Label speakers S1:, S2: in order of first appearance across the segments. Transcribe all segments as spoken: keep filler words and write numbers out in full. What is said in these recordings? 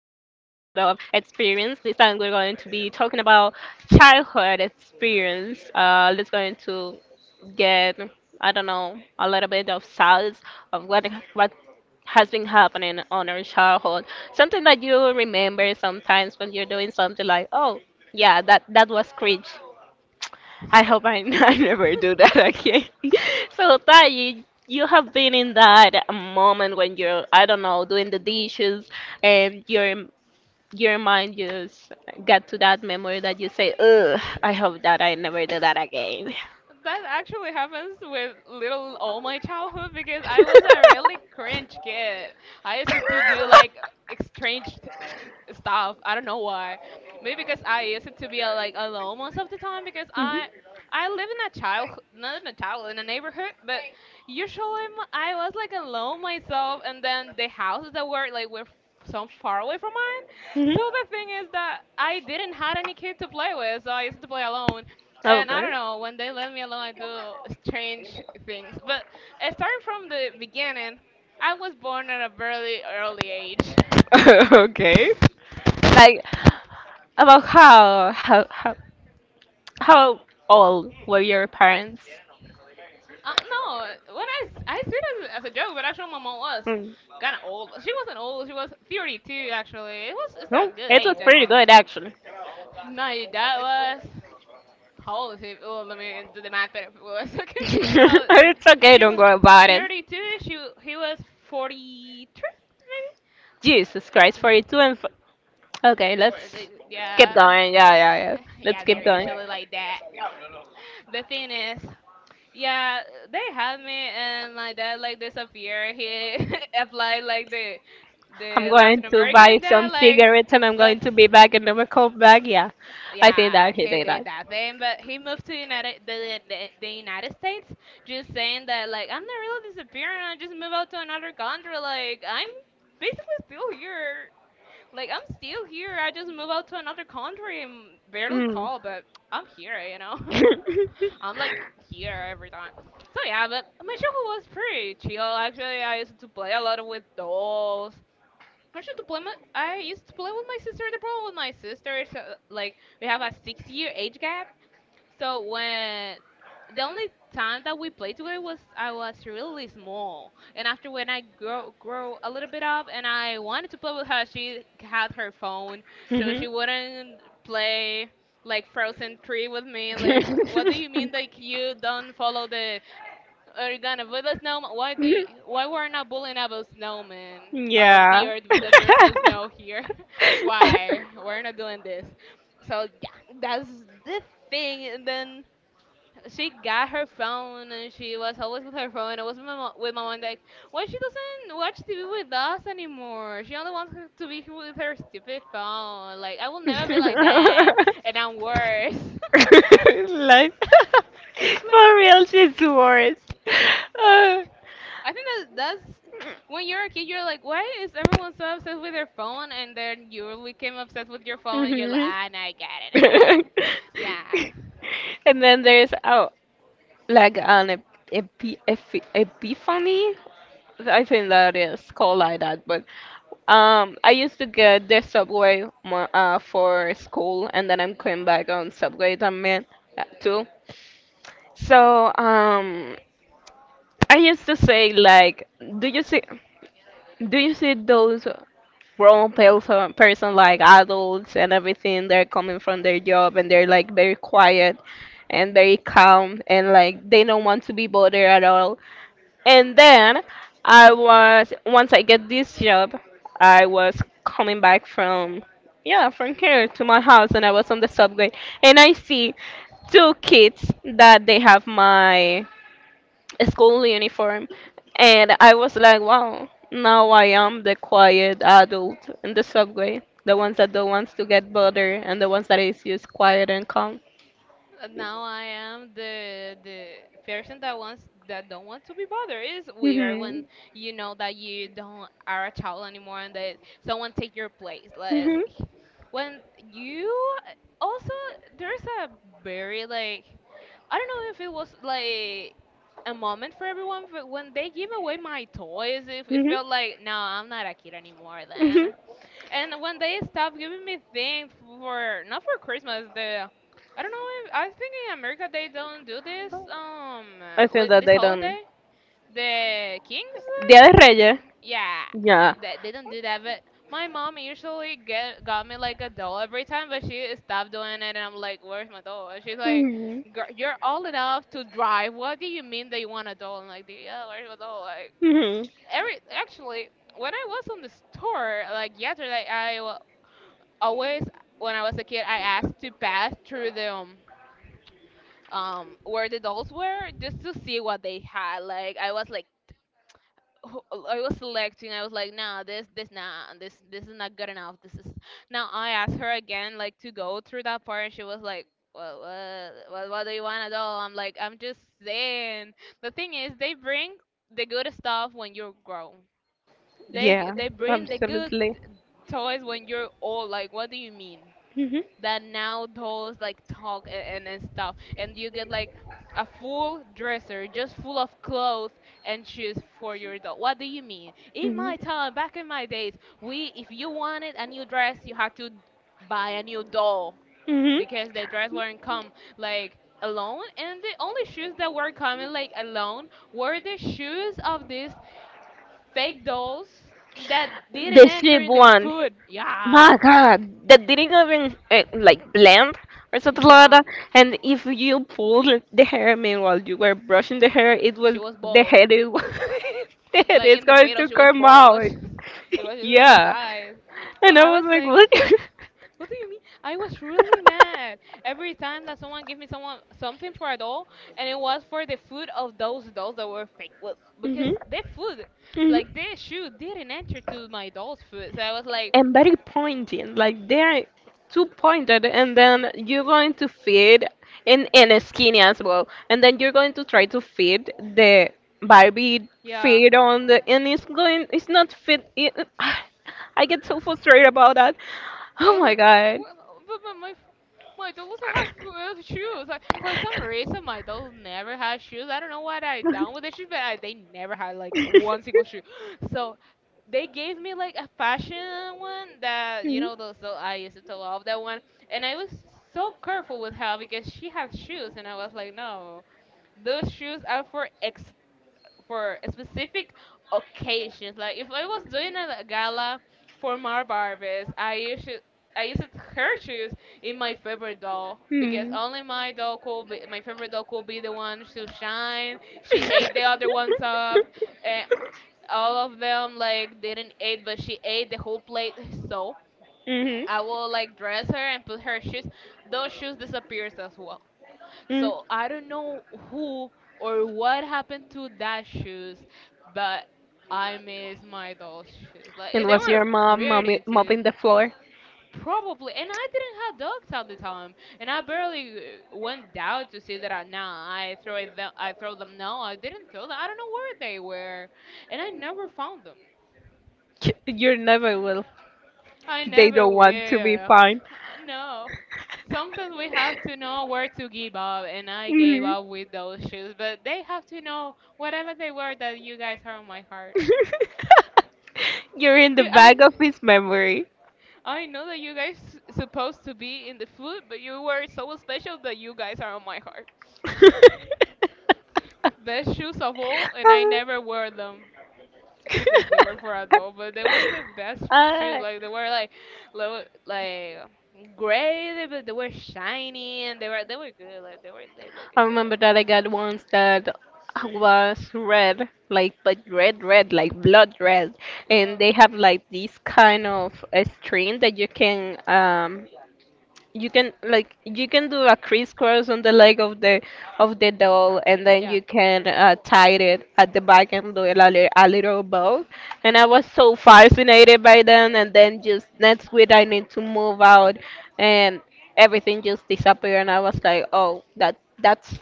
S1: of Experience. This time we're going to be talking about childhood experience. Uh, let's going to get, I don't know, a little bit of size of what what has been happening on our childhood. Something that you remember sometimes when you're doing something like, oh, yeah, that that was cringe. I hope I, I never do that again. So, Tai, you, you have been in that moment when you're, I don't know, doing the dishes and your your mind just got to that memory that you say, ugh, I hope that I never do that again.
S2: That actually happens with little all my childhood because I was a really cringe kid. I used to do like strange th- stuff. I don't know why. Maybe because I used to be uh, like alone most of the time because I I live in a child, not in a child in a neighborhood, but usually m- I was like alone myself, and then the houses that were like were f- so far away from mine.
S1: Mhm. Mhm.
S2: So the thing is that I didn't had any kid to play with, so I used to play alone. And I
S1: Okay.
S2: don't know, when they let me alone, I do strange things. But uh, starting from the beginning, I was born at a very early age.
S1: Okay. Like, about how how how how old were your parents?
S2: um, no, when I, s- I see it as, a- as a joke, but actually my mom was
S1: Mm,
S2: kind of old. She wasn't old, she was thirty-two actually. It was, it's a
S1: no,
S2: good
S1: it was
S2: age, I
S1: pretty
S2: think.
S1: good actually.
S2: No, your dad was. How old is he? Well, let me do the math better. Well, it's okay. Uh,
S1: It's okay,
S2: she
S1: don't
S2: was
S1: go about it.
S2: thirty-two. She He was forty-three, maybe.
S1: Jesus Christ, forty-two and. F- okay,
S2: Uh,
S1: let's
S2: they-
S1: keep
S2: yeah.
S1: going. Yeah, yeah, yeah. Let's
S2: Yeah, they're
S1: keep going.
S2: usually like that. The thing is, yeah, they had me and my dad like disappeared. He applied like the
S1: I'm
S2: the
S1: going
S2: Latin
S1: to
S2: American
S1: buy
S2: dad
S1: some
S2: like
S1: cigarettes and I'm going
S2: let's,
S1: to be back and never come back. Yeah, I think
S2: yeah,
S1: that he
S2: he
S1: did
S2: did
S1: that.
S2: that thing, but he moved to United the, the the United States, just saying that like I'm not really disappearing. I just moved out to another country. Like I'm basically still here. Like I'm still here. I just moved out to another country and barely
S1: Mm.
S2: call, but I'm here. You know. I'm like here every time. So yeah, but my childhood was pretty chill. Actually, I used to play a lot with dolls. I used to play. My, I used to play with my sister. The problem with my sister is uh, like we have a six-year age gap, so when the only time that we played together was I was really small, and after when I grow grow a little bit up and I wanted to play with her, she had her phone, so she wouldn't play like Frozen three with me. Like, what do you mean? Like you don't follow the are gonna but the snowman. Why do you,
S1: Mhm.
S2: why
S1: What what
S2: we're
S1: we're not
S2: not
S1: pulling
S2: pulling up
S1: out
S2: a
S1: of
S2: snowman
S1: snowman.
S2: out of
S1: Yeah.
S2: the earth
S1: Life.
S2: because there's no snow here? Why we're not doing this? So yeah, that's the thing. And then she got her phone and she was always with her phone. I was with my, mo- with my mom like, why she doesn't watch TV with us anymore? She only wants her- to be with her stupid phone. Like, I will never be like that, and I'm worse.
S1: For real, she's the worst. Uh,
S2: I think that that's when
S1: When
S2: you're a kid, you're like, why is everyone so obsessed with their phone? And then you became obsessed with your
S1: you're,
S2: phone, and you're like,
S1: everyone's
S2: ah, now I get it.
S1: you're
S2: I like,
S1: always
S2: yeah,
S1: And then there's oh, like an ep epi epi epiphany. I think that is called like that. But um, I used to get the subway mo- uh, for school, and then I'm going back on subway también uh, too. So um, I used to say like, do you see, do you see those grown person, person like adults and everything? They're coming from their job and they're like very quiet and very calm, and like they don't want to be bothered at all. And then I was once I get this job, I was coming back from, yeah, from here to my house, and I was on the subway and I see two kids that they have my school uniform. And I was like, wow, now I am the quiet adult in the subway, the ones that don't want to get bothered, and the ones that is just quiet and calm.
S2: and now I am the the person that wants, that don't want to be bothered. It's weird when
S1: Mhm.
S2: you know that you don't are a child anymore, and that someone take your place. Like,
S1: Mhm.
S2: when you uh, also, there's a very like, I don't know if it was like a moment for everyone, but when they give away my toys, it, it
S1: Mhm.
S2: felt like, no, I'm not a kid anymore
S1: Mhm.
S2: then. And when they stopped giving me things for, not for Christmas, the, I don't know if, I think in America they don't do this, um,
S1: I think
S2: with
S1: that
S2: this
S1: they
S2: holiday.
S1: don't.
S2: The King's
S1: Dia de
S2: Letter?
S1: Reyes.
S2: Yeah,
S1: Yeah.
S2: that they don't do that. But my mom usually get got me like a doll every time, but she stopped doing it, and I'm like, "Where's my doll?" And she's like,
S1: Mhm.
S2: Girl, "You're old enough to drive. What do you mean that you want a doll?" I'm like, "Yeah, where's my doll?" Like
S1: Mhm.
S2: every actually, when I was on the store like yesterday, I wa- always when I was a kid, I asked to pass through the um um where the dolls were just to see what they had. Like I was like who- I was selecting. I was like, nah, this, this, nah, this, this is not good enough. This is. Now I asked her again, like, to go through that part, and she was like, well, what, what, what do you wanna do? I'm like, I'm just saying. The thing is, they bring the good stuff when you're grown. They, g-
S1: Yeah.
S2: they bring the good
S1: Absolutely.
S2: toys when you're old. Like, what do you mean that now dolls like talk a- and, and stuff, and you
S1: Mhm.
S2: get like a full dresser just full of clothes and shoes for your doll? What do you mean? In my time, back in my days, we, if you wanted a new dress, you had to buy a new doll, because the dress weren't come like alone, and the only shoes that were coming like alone were the shoes of these fake dolls that didn't
S1: The
S2: enter
S1: sleep
S2: in the
S1: one.
S2: food. Yeah,
S1: My God, that didn't even uh, like blend or something like
S2: yeah,
S1: that. And if you pulled the hair, meanwhile you were brushing the hair, it
S2: she
S1: was
S2: was
S1: the
S2: bold,
S1: head is the head
S2: like
S1: is
S2: in the
S1: going
S2: middle
S1: to
S2: she was
S1: come
S2: bald, it was
S1: out.
S2: just it was just on the
S1: Yeah.
S2: sides. So
S1: And I
S2: I
S1: was
S2: was
S1: like,
S2: like,
S1: what?
S2: what do you mean? I was really mad every time that someone gave me someone something for a doll, and it was for the food of those dolls that were fake. Well, because
S1: hmm
S2: their food,
S1: hmm
S2: like their shoe didn't enter to my doll's food. So I was like,
S1: And very pointing, like they are too pointed, and then you're going to feed and and skinny as well, and then you're going to try to feed the Barbie
S2: yeah,
S1: feed on the, and it's going, it's not fit. It, I get so frustrated about that.
S2: I
S1: Oh
S2: was
S1: my
S2: like, "Wh-
S1: God.
S2: wh- but but my f- my doll doesn't have uh, shoes." Like for some reason, my dolls never has shoes. I don't know what I done with the shoes, but I, they never had like one single shoe. So they gave me like a fashion one that you
S1: Hmm.
S2: know those. So I used to love that one, and I was so careful with her because she had shoes, and I was like, no, those shoes are for ex for a specific occasions. Like if I was doing a gala for my Barbies, I usually I used her shoes in my favorite doll, because
S1: Hmm.
S2: only my doll could be, my favorite doll could be the one to shine. She ate the other ones up, and all of them like didn't eat, but she ate the whole plate. So
S1: Mhm.
S2: I will like dress her and put her shoes. Those shoes disappears as well.
S1: Mm.
S2: So I don't know who or what happened to that shoes, but I miss my doll's shoes. Like they
S1: Unless
S2: were
S1: your mom mommy
S2: pretty too.
S1: mopping the floor,
S2: Probably, and I didn't have dogs at the time, and I barely uh, went down to see that. I, nah, I throw them. I throw them. No, I didn't throw them. I don't know where they were, and I never found them.
S1: you never will.
S2: I
S1: They
S2: never
S1: don't want to be
S2: will.
S1: fine.
S2: Uh, No. Sometimes we have to know where to give up, and I gave
S1: Mhm.
S2: up with those shoes. But they have to know, whatever they were, that you guys are on my heart.
S1: You're in the
S2: You, I,
S1: bag of his memory.
S2: I know that you guys s- supposed to be in the food, but you were so special that you guys are on my heart. Best shoes of all, and I never wear them, because they were for adult, but they were the best
S1: I
S2: shoes. Like they were like low, like gray, they- but they were shiny and they were they were good. Like they were, they looked
S1: I
S2: good.
S1: remember that I got ones that was red, like but red, red, like blood red, and
S2: Wow.
S1: they have like this kind of a string that you can um you can like you can do a crisscross on the leg of the of the doll, and then
S2: Yeah.
S1: you can uh, tie it at the back and do it a, li- a little bow. And I was so fascinated by them, and then just next week I need to move out and everything just disappeared. And I was like, oh, that that's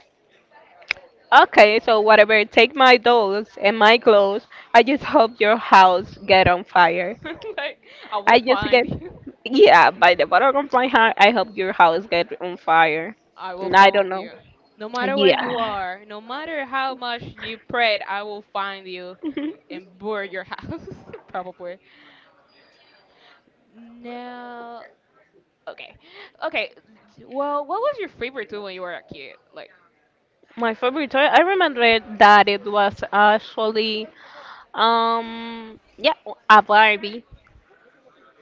S1: okay, so whatever, take my dolls and my clothes, I just hope your house get on fire.
S2: Like, I will
S1: I just
S2: find
S1: get,
S2: you.
S1: yeah, by the bottom of my heart, I hope your house get on fire.
S2: I will
S1: And I don't
S2: find
S1: know.
S2: you. No matter where you
S1: Yeah.
S2: are, no matter how much you prayed, I will find you and burn your house, probably. No. Okay. Okay. Well, what was your favorite tool when you were a kid? Like,
S1: My favorite toy, I remember that it was actually, um, yeah, a Barbie.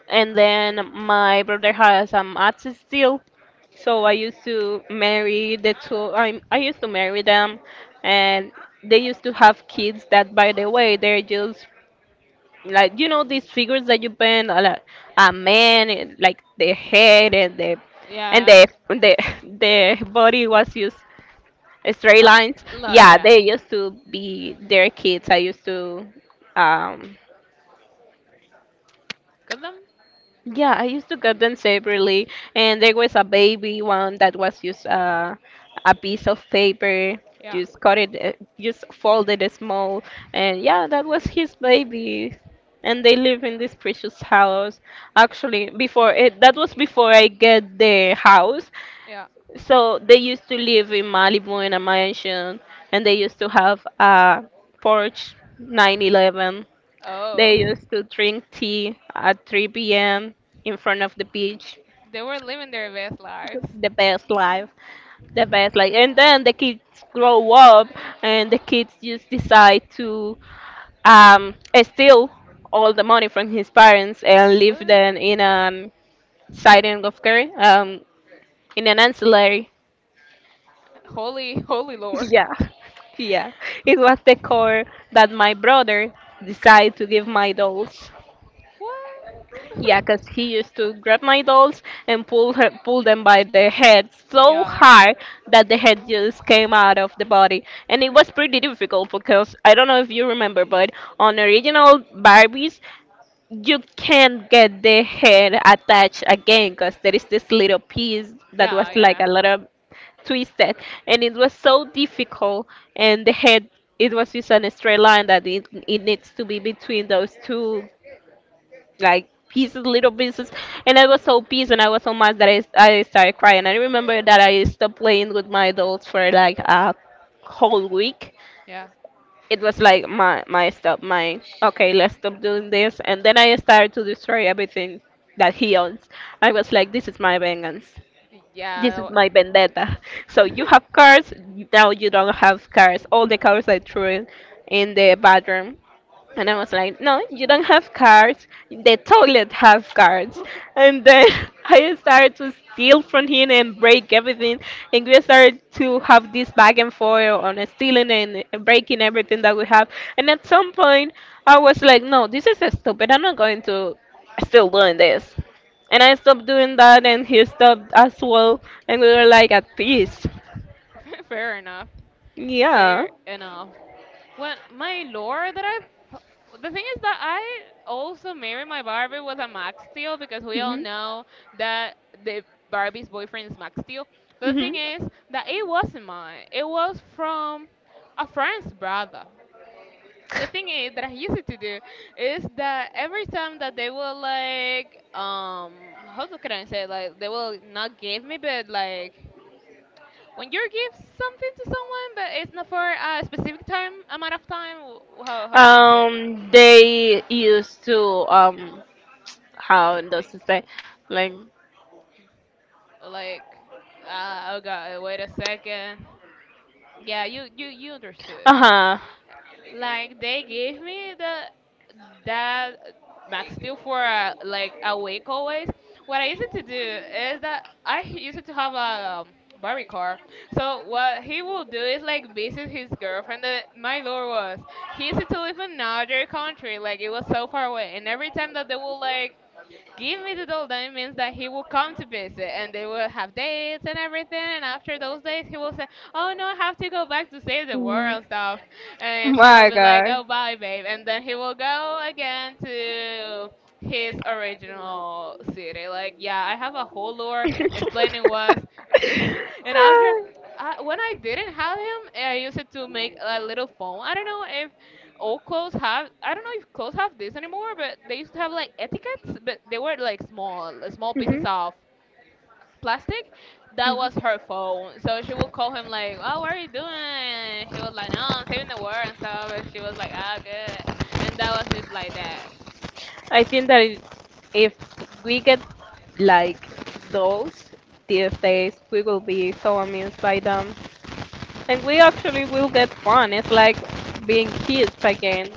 S1: And then my brother has an Axis still, so I used to marry the two. I I used to marry them, and they used to have kids. That by the way, they're just like you know these figures that you paint a, la- a man and, like the head and the and
S2: yeah.
S1: the the the body was used straight
S2: A,
S1: lines.
S2: la,
S1: Yeah, they used to be their kids. I used to um
S2: Gotham?
S1: Yeah, I used to cut them separately, and there was a baby one that was just uh, a piece of paper,
S2: Yeah.
S1: just cut it, uh, just folded it small, and yeah, that was his baby. And they live in this precious house. Actually, before it, that was before I get the house.
S2: Yeah.
S1: So they used to live in Malibu in a mansion, and they used to have a Porsche nine eleven. They
S2: Oh,
S1: used to drink tea at three p m in front of the beach.
S2: they were living their best lives.
S1: The best life. The best life. And then the kids grow up, and the kids just decide to um, steal all the money from his parents and leave
S2: What?
S1: them in an siding of care, um, in an ancillary.
S2: Holy, holy lore.
S1: Yeah, yeah. It was the core that my brother decided to give my dolls. Yeah,
S2: What?
S1: 'cause he used to grab my dolls and pull her, pull them by the head so
S2: Yeah,
S1: hard that the head just came out of the body. And it was pretty difficult because I don't know if you remember, but on original Barbies, you can't get the head attached again because there is this little piece that
S2: yeah,
S1: was like
S2: yeah,
S1: a little twisted, and it was so difficult, and the head, it was just on a straight line that it, it needs to be between those two like pieces, little pieces. And I was so pissed and I was so mad that I, I started crying. I remember that I stopped playing with my adults for like a whole week.
S2: yeah,
S1: It was like my my stop, my okay, let's stop doing this. And then I started to destroy everything that he owns. I was like, this is my vengeance. This is
S2: yeah,
S1: my vendetta. So
S2: that
S1: you have cars, now you don't have cars. All the cars I threw in, in the bathroom, and I was like, no, you don't have cards. The toilet have cards.
S2: wa-
S1: And then I started to steal from him and break everything. And we started to have this back and forth on stealing and breaking everything that we have. And at some point, I was like, no, this is stupid. I'm not going to still doing this. And I stopped doing that, and he stopped as well. And we were like at peace.
S2: Fair enough.
S1: Yeah.
S2: Fair enough. Well, my lore that I. p- The thing is that I also married my Barbie with a Max Steel, because we all
S1: Mhm.
S2: know that the Barbie's boyfriend is Max Steel. But the
S1: hmm
S2: thing is that it wasn't mine. It was from a friend's brother. The thing is that I used to do is that every time that they will like um how do- can I say, like, they will not give me, but like, when you give something to someone, but it's not for a specific time amount of time. wh- How how you guys it?
S1: Um, they used to um,
S2: Well, let
S1: how
S2: me
S1: does it
S2: think.
S1: say, like,
S2: Like, uh, oh god, wait a second. Yeah, you you you
S1: uh
S2: understood.
S1: huh,
S2: Like they gave me the that Max Steel for a, like a week always. What I used to do is that I used to have a um, Barbie car. So what he will do is like visit his girlfriend that my lord was. He used to live in another country, like it was so far away. And every time that they will like give me the doll, then it means that he will come to visit and they will have dates and everything. And after those days, he will say, "Oh no, I have to go back to save the world and stuff."
S1: Mm.
S2: And she will
S1: My
S2: be like,
S1: God.
S2: "Oh, bye, babe." And then he will go again to his original city. Like, yeah, I have a whole lore explaining was. And after. I, when I didn't have him, I used it to make a little phone. I don't know all clothes have, I don't know if clothes have this anymore, but they used to have like etiquettes, but they were like small small pieces
S1: Mhm.
S2: of plastic. That was her phone. So she would call him like, "Oh, what are you doing?" He was like, "No, I'm saving the world and stuff," and she was like, "Ah, good," and that was just like that.
S1: I think that i- if we get like those these days, we will be so amused by them, and we actually will get fun. It's like being kids again.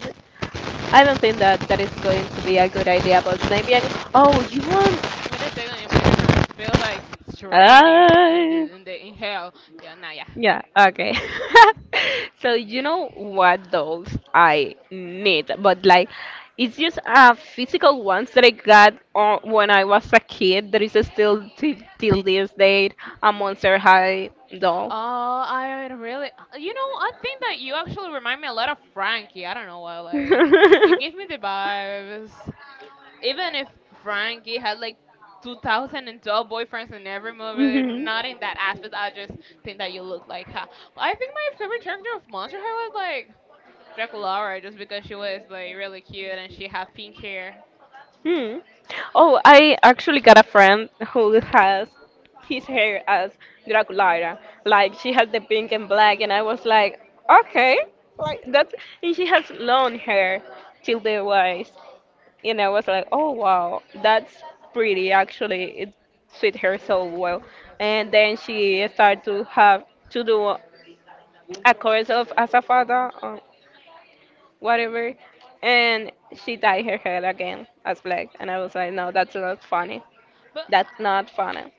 S1: I don't think that that is going to be a good idea, but maybe I, oh, you
S2: Wait a second, your microphone is feels like straining in
S1: want?
S2: the in the in hell. Yeah, nah, yeah.
S1: Yeah, okay. So you know what dolls I need, but like it's just uh physical ones that I got uh, when I was a kid. There is still t till this date a Monster High doll.
S2: Oh, I really, uh, you know, I think that you actually remind me a lot of Frankie. I don't know why, like, it gives me the vibes. Even if Frankie had like two thousand twelve boyfriends in every movie,
S1: Mhm.
S2: not in that aspect, I just think that you look like her. But I think my favorite character of Monster High was like Draculaura, just because she was like really cute and she had pink hair.
S1: Hmm. Oh, I actually got a friend who has his hair as Draculaira. Like she has the pink and black, and I was like, okay, like that. And she has long hair till the waist, and I was like, oh wow, that's pretty. Actually, it suit her so well. And then she started to have to do a course of asafada whatever. And she dyed her hair again as black. And I was like, no, that's not funny.
S2: But
S1: That's not funny.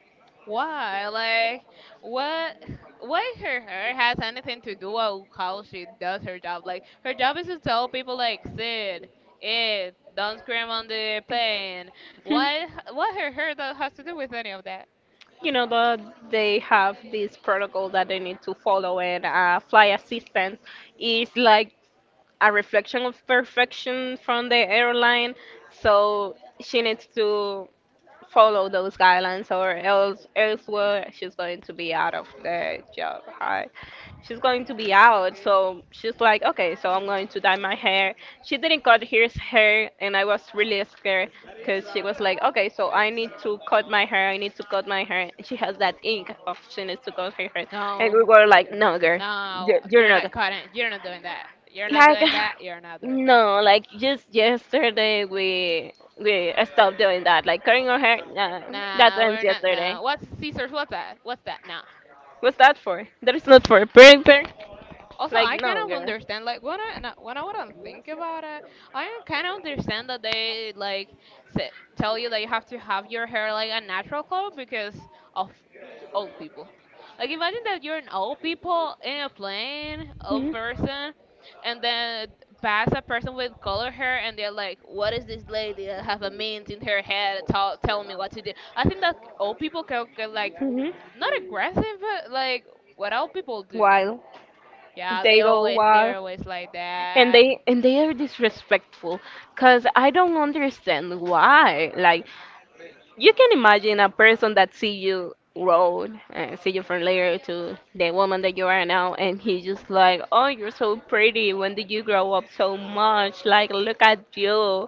S2: why? Like, what? What her hair has anything to do with how she does her job? Like, her job is to tell people like, sit, eat, don't scream on the plane. What? What her hair does has to do with any of that?
S1: You know that they have this protocol that they need to follow, and uh, flight assistance is like a reflection of perfection from the airline, so she needs to follow those guidelines, or else elsewhere she's going to be out of the job. Hi, she's going to be out. So she's like, okay, so I'm going to dye my hair. She didn't cut his hair, and I was really scared because she was like, okay, so I need to cut my hair, I need to cut my hair. She has that ink of she needs to cut her hair. And we
S2: No,
S1: were like, no, girl,
S2: no,
S1: you're you're
S2: you're
S1: not
S2: not cutting. You're not doing that. You're not
S1: like
S2: doing that. You're not doing that.
S1: no, like just yesterday we we stopped doing that. Like cutting our hair, nah, that
S2: Nah,
S1: ends
S2: we're not.
S1: yesterday.
S2: No. What's Caesar's? What's that? What's that? Nah.
S1: What's that for? That is not for pairing pair.
S2: Also,
S1: Like
S2: I kind
S1: no,
S2: of
S1: girl.
S2: understand, like when I na- when I wouldn't think about it, I kind of understand that they like say, tell you that you have to have your hair like a natural color because of old people. Like imagine that you're an old people in a plane, old
S1: Mhm.
S2: person, and then pass a person with color hair, and they're like, "What is this lady that have a mint in her head, tell telling me what to do?" I think that old people can get like
S1: Mhm.
S2: not aggressive, but like what old people do.
S1: Wild.
S2: Yeah, they
S1: They go
S2: always
S1: wild.
S2: they're always like
S1: and
S2: that.
S1: they and they are disrespectful because I don't understand why, like, you can imagine a person that see you road uh, see you from later to the woman that you are now, and he's just like, "Oh, you're so pretty. When did you grow up so much? Like, look at you.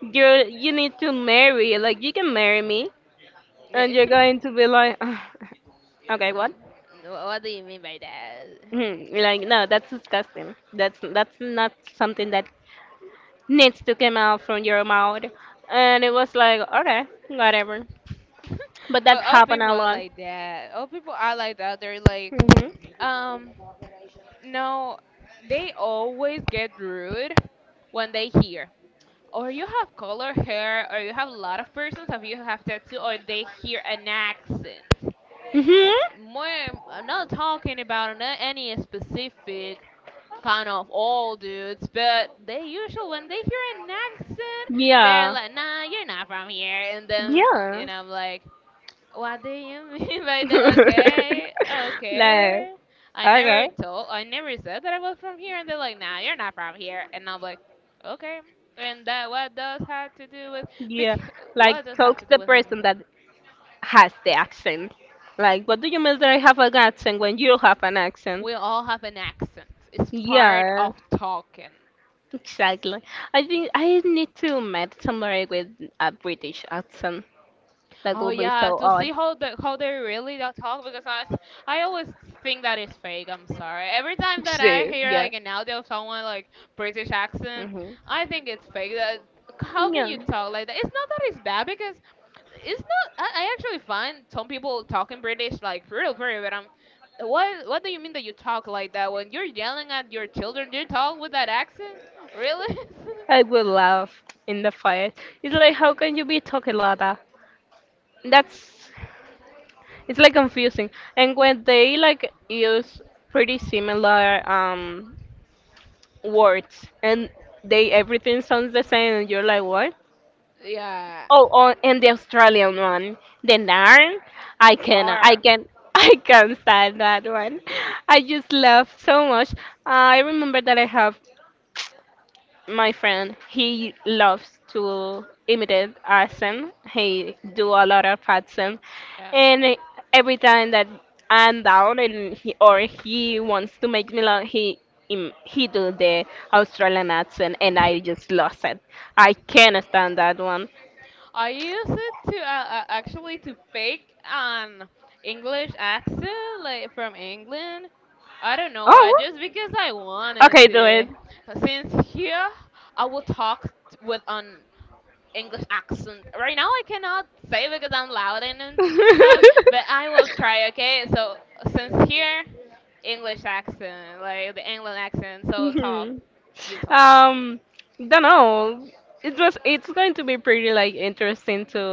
S1: You you need to marry. Like, you can marry me." And you're
S2: N-
S1: going to be like, okay, what?
S2: what do you mean by that?
S1: Hmm, like, no, that's disgusting. That's that's not something that needs to come out from your mouth. And it was like, okay, whatever. But that
S2: But all
S1: happened
S2: people
S1: a
S2: are
S1: lot.
S2: like that. All people are like that. They're like,
S1: Mhm.
S2: um, no, they always get rude when they hear. Or you have color hair, or you have a lot of persons, or you have tattoo, or they hear an accent.
S1: Mhm.
S2: More, I'm not talking about an- any specific kind of all dudes, but they usually when they hear an accent, they're
S1: Yeah.
S2: like, "Nah, you're not from here," and then you
S1: Yeah.
S2: know, I'm like, "What do you mean by that?" Okay,
S1: Like,
S2: okay. I never
S1: okay.
S2: told, I never said that I was from here, and they're like, "Nah, you're not from here," and I'm like, "Okay." And that what does have to do with
S1: Yeah.
S2: because
S1: Like,
S2: what does have to
S1: talk
S2: do
S1: the
S2: with
S1: person
S2: anything?
S1: that has the accent. Like, what do you mean that I have an accent when you have an accent?
S2: We all have an accent. It's part
S1: Yeah,
S2: of talking.
S1: exactly. I think I need to meet somebody with a British accent. That
S2: Oh
S1: will be
S2: yeah,
S1: so
S2: to see
S1: odd.
S2: how the how they really don't talk because I I always think that is fake. I'm sorry. Every time that I
S1: Same,
S2: hear
S1: yeah.
S2: like an audio of someone like British accent,
S1: Mm-hmm.
S2: I think it's fake. That how can
S1: Yeah.
S2: you talk like that? It's not that it's bad because it's not. I, I actually find some people talking British like real pretty, but I'm. What what do you mean that you talk like that when you're yelling at your children? You talk with that accent, really?
S1: I would laugh in the fire. It's like, how can you be talking like that? That's, it's like confusing. And when they like use pretty similar um words and they everything sounds the same, and you're like, what?
S2: Yeah.
S1: Oh, on and the Australian one, the Narn. I can, I
S2: Or
S1: can, I can stand that one. I just love so much. Uh, I remember that I have my friend. He loves to imitate accent. He do a lot of accent,
S2: yeah.
S1: and every time that I'm down and he or he wants to make me laugh, he im- he do the Australian accent, and I just lost it. I can't stand that one.
S2: I use it to uh, uh, actually to fake an English accent, like from England. I don't know why,
S1: Oh.
S2: just because I wanted
S1: Okay, do
S2: to.
S1: it.
S2: Since here, I will talk t- with an English accent. Right now, I cannot say because I'm loud and and stuff, but I will try. Okay, so since here, English accent, like the England accent. So talk,
S1: Mhm.
S2: you talk.
S1: Um, don't know. It was. It's going to be pretty like interesting to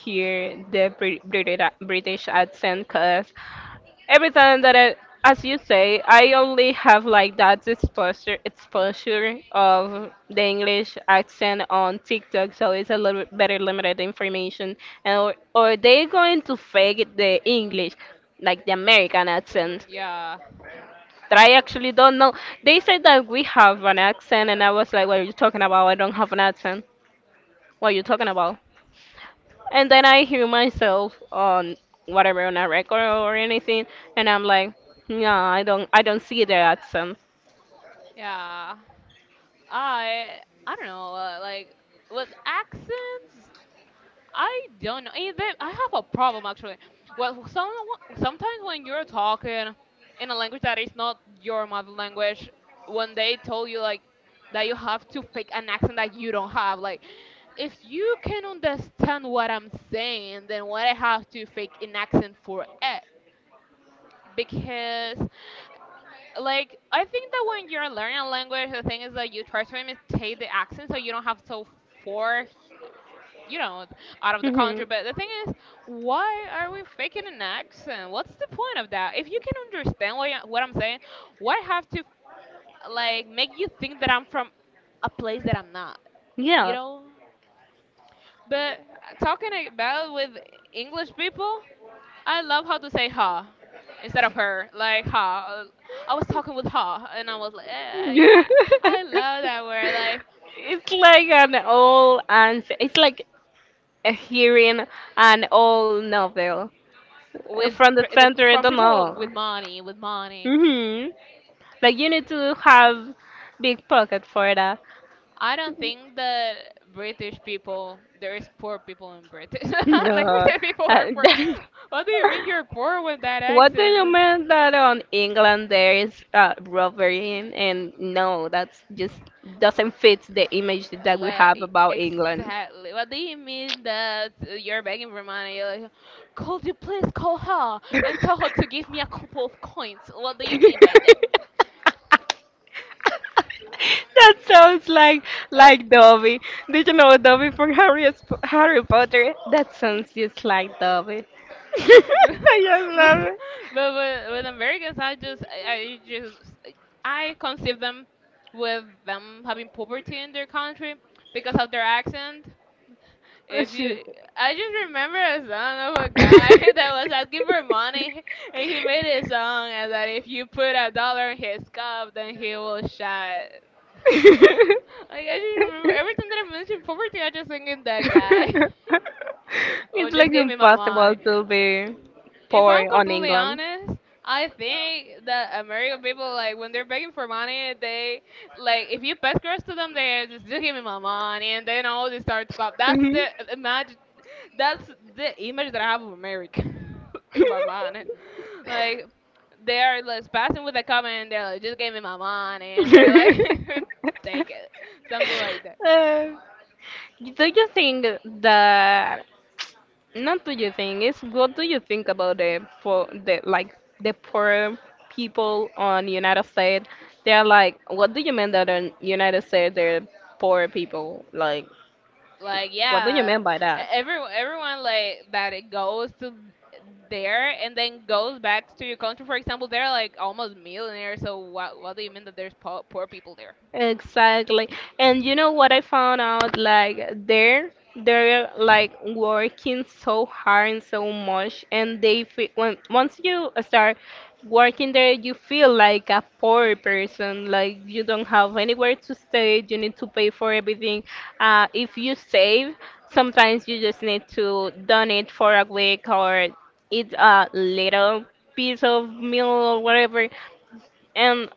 S1: hear the Brit- British British accent, cause every time that I, as you say, I only have like that exposure exposure of the English accent on TikTok, so it's a little bit better limited information. And or, or they going to fake the
S2: No.
S1: English, like the American accent
S2: Yeah,
S1: that I actually don't know. They said that we have an accent, and I was like, "What are you talking about? I don't have an accent. What are you talking about?" And then I hear myself on whatever on a record or anything, and I'm like, "Yeah, I don't, I don't see the accent."
S2: yeah. I I don't know, uh, like with accents, I don't know. Eh, they- I have a problem actually. Well, some sometimes when you're talking in a language that is not your mother language, when they tell you like that you have to fake an accent that you don't have, like if you can understand what I'm saying, then what I have to fake an accent for it because like I think that when you're learning a language, the thing is that you try to imitate the accent so you don't have so far, you know, out of the
S1: Hmm.
S2: country. But the thing is, why are we faking an accent? What's the point of that? If you can understand what, you- what I'm saying, why have to like make you think that I'm from a place that I'm not? You
S1: Yeah.
S2: know. But uh, talking about with English people, I love how to say "ha" instead of "her". Like ha. I was talking with ha, and I was like, yeah, yeah. I love that word. Like
S1: It's like an old, and it's like a hearing an old novel. Uh,
S2: with
S1: from the
S2: pr- the,
S1: center. I
S2: from
S1: don't
S2: people with
S1: know.
S2: money, with money.
S1: Mhm. Like, you need to have big pocket for that.
S2: I don't think that British people, there is poor people in Britain.
S1: No.
S2: Like
S1: Uh,
S2: British people are poor.
S1: that—
S2: What do you mean you're poor with that
S1: what do
S2: accent?
S1: you
S2: Like
S1: mean that on England there is uh, robbery? And no, that's just doesn't fit the image that we have
S2: Like
S1: about England.
S2: exactly. What do you mean that uh, you're begging for money? You're like, could you please call her and tell her to give me a couple of coins? What do you mean by that?
S1: That sounds like like
S2: Uh,
S1: Dobby. Did you know Dobby from Harry Sp- Harry Potter? That sounds just like Dobby. I just
S2: but,
S1: love it.
S2: but with, with Americans, I just I, I just I conceive them with them having poverty in their country because of their accent.
S1: Oh,
S2: If you,
S1: shoot.
S2: I just remember a song of a guy that was asking for money, and he made a song and that if you put a dollar in his cup, then he will shut. Like I just remember every time that I mention poverty, I just think of that guy. Oh,
S1: It's
S2: just
S1: like
S2: give me my
S1: impossible
S2: money.
S1: to be
S2: If I'm
S1: poor on
S2: completely
S1: England.
S2: honest, I think that American people like when they're begging for money, they like if you pass girls to them, they just, just give me my money, and then all they start to clap. That's
S1: Mhm.
S2: the imagine that's the image that I have of America, if I'm honest. Like, they're like passing with a comment, they're like, just give me my money, and they're like, take it, something like that.
S1: Uh, do you think that not do you think it's what do you think about the for the like the poor people on United States? They're like, what do you mean that on United States they're poor people? Like,
S2: Like,
S1: what do you
S2: yeah,
S1: mean by
S2: e-
S1: that?
S2: everyone, everyone like that it goes to there and then goes back to your country. For example, they're like almost millionaires. So what, what do you mean that there's po- poor people there?
S1: Exactly. And you know what I found out? Like, they're they're like working so hard and so much, and they feel when once you start working there, you feel like a poor person. Like, you don't have anywhere to stay, you need to pay for everything. Uh, if you save, sometimes you just need to donate for a week or eat a little piece of meal or whatever, and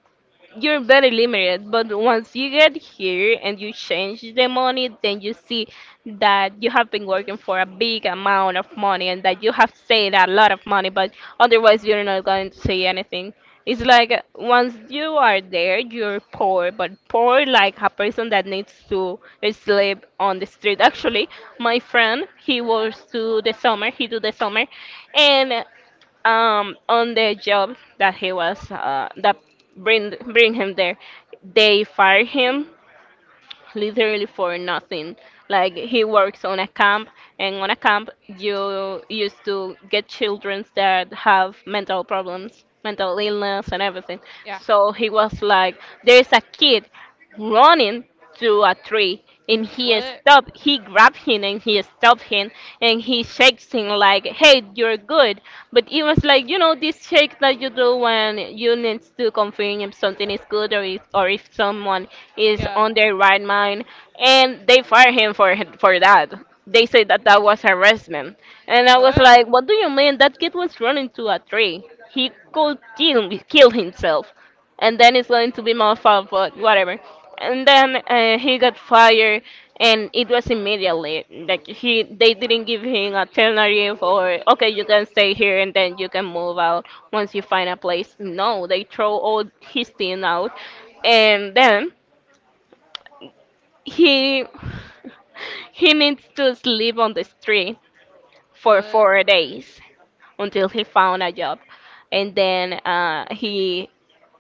S1: you're very limited. But once you get here and you change the money, then you see that you have been working for a big amount of money and that you have saved a lot of money, but otherwise you're not going to see anything. It's like, uh, once you are there you're poor, but poor like a person that needs to sleep on the street. Actually, my friend, he was to the summer he do the summer, and um on the job that he was uh, that bring bring him there, they fire him literally for nothing. Like, he works on a camp, and on a camp you used to get children that have mental problems, mental illness, and everything.
S2: Yeah.
S1: So he was like, there's a kid running to a tree, and he
S2: What?
S1: stopped he grabbed him and he stopped him. And he shakes him like, hey, you're good. But it was like, you know, this shake that you do when you need to confirm if something is good or if, or if someone is
S2: Yeah.
S1: on their right mind. And they fired him for for that. They said that that was harassment. And I was like,
S2: What?
S1: what do you mean? That kid was running to a tree. He could kill, kill himself, and then it's going to be my fault, but whatever. And then uh, he got fired, and it was immediately. Like, he they didn't give him alternative or, okay, you can stay here and then you can move out once you find a place. No, they throw all his team out, and then he he needs to sleep on the street for
S2: What?
S1: four days until he found a job. And then uh, he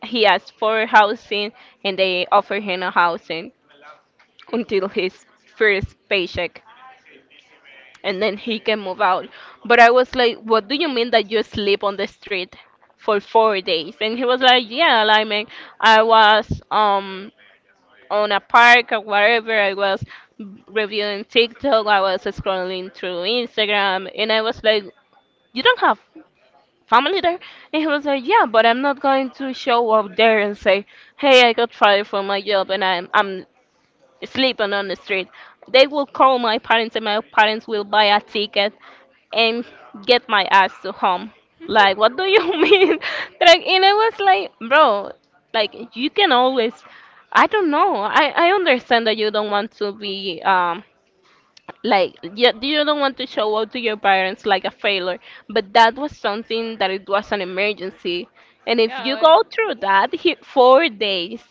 S1: he asked for housing, and they offered him a housing until his first paycheck, and then he can move out. But I was like, what do you mean that you sleep on the street for four days? And he was like, yeah, like, man, I was um on a park or whatever, I was reviewing TikTok, I was scrolling through Instagram. And I was like, you don't have family there? And he was like, yeah, but I'm not going to show up there and say, hey, I got fired from my job and i'm I'm sleeping on the street. They will call my parents and my parents will buy a ticket and get my ass to home. Like, what do you mean? Like, and I was like, bro, like, you can always, I don't know, i I understand that you don't want to be um like you, you don't want to show up to your parents like a failure, but that was something that it was an emergency. And if
S2: Yeah.
S1: you
S2: Like,
S1: go through that, he, four days,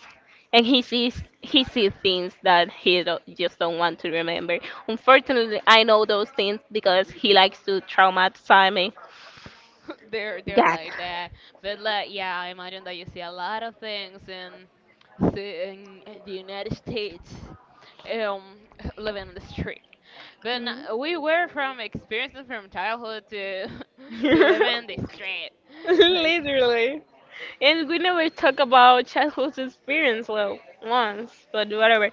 S1: and he sees, he sees things that he do just don't want to remember. Unfortunately I know those things because he likes to traumatize me.
S2: they're they're
S1: God.
S2: like that. But like, yeah, I imagine that you see a lot of things in the, in the United States, um, living on the street. But no- we were from experiences from childhood to to living in the street, like
S1: Literally. And we never talk about childhood experience, well, once, but whatever.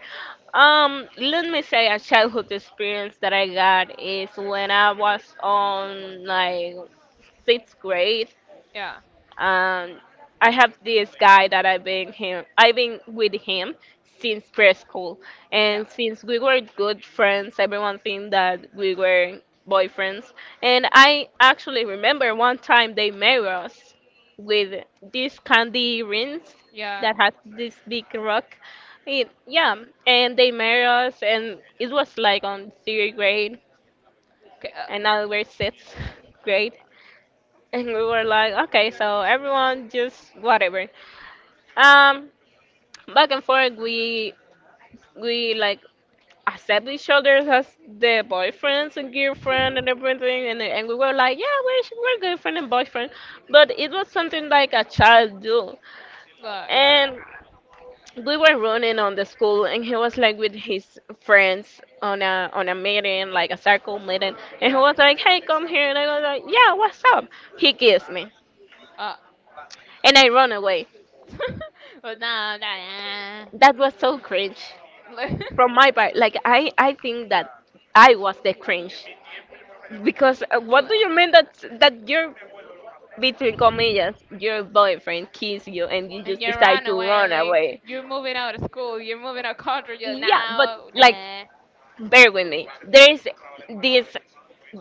S1: Um, let me say a childhood experience that I got is when I was on like sixth grade.
S2: yeah,
S1: Um, I have this guy that I've been him. I've been with him since preschool,
S2: yeah,
S1: and since we were good friends, everyone think that we were boyfriends. And I actually remember one time they married us with these candy rings
S2: yeah,
S1: that had this big rock. It, yeah, and they married us, and it was like on third grade,
S2: K-
S1: and now we're sixth grade. And we were like, okay, so everyone just whatever. Um, Back and forth, we we like accept each other as the boyfriends and girlfriend and everything, and and we were like, yeah, we're we're girlfriend and boyfriend, but it was something like a child do.
S2: uh, uh, yeah,
S1: And we were running on the school, and he was like with his friends on a on a meeting, like a circle meeting. And he
S2: yeah.
S1: was like, hey, come here. And I was like, yeah, what's up? He kissed me,
S2: Uh,
S1: and I run away.
S2: but no, nah, nah.
S1: That was so cringe
S2: Nah.
S1: from my part. Like, I, I think that I was the cringe because uh, what do
S2: Like-
S1: you mean that that you're between comillas your boyfriend kiss you and you
S2: And
S1: just
S2: you
S1: decide
S2: run
S1: to
S2: away,
S1: run
S2: like
S1: away?
S2: you're moving out of school, you're moving out of country. You're
S1: Yeah, but
S2: now,
S1: like,
S2: nah,
S1: bear with me. There is this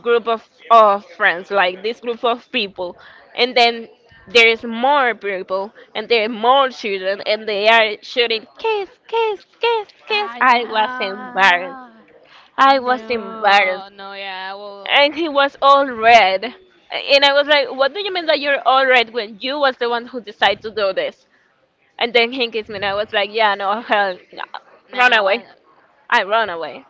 S1: group of of friends, like this group of people, and then there is more people and there are more children, and they are shouting, kiss, kiss, kiss, kiss. I was
S2: nah,
S1: embarrassed.
S2: I
S1: I was embarrassed.
S2: know, no, no, yeah, well,
S1: And he was all red. And I was like, what do you mean that you're all red when you was the one who decided to do this? And then he kissed me and I was like, yeah, no, hell, no. Run
S2: nah, when
S1: away. I run away.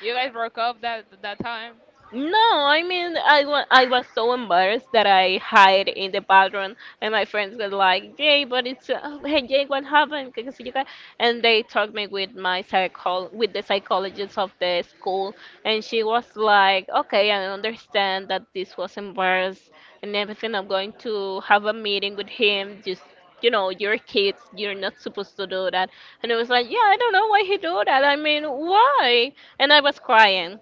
S2: you guys broke up that that time.
S1: No, I mean, I wa I was so embarrassed that I hide in the bathroom. And my friends were like, Jay, but it's uh, hey, Jay, what happened? Que- que sé yo qué. And they talked me with my psychol with the psychologist of the school. And she was like, okay, I understand that this was embarrassed and everything. I'm going to have a meeting with him. Just, you know, you're kids, you're not supposed to do that. And it was like, yeah, I don't know why he do that. I mean, why? And I was crying.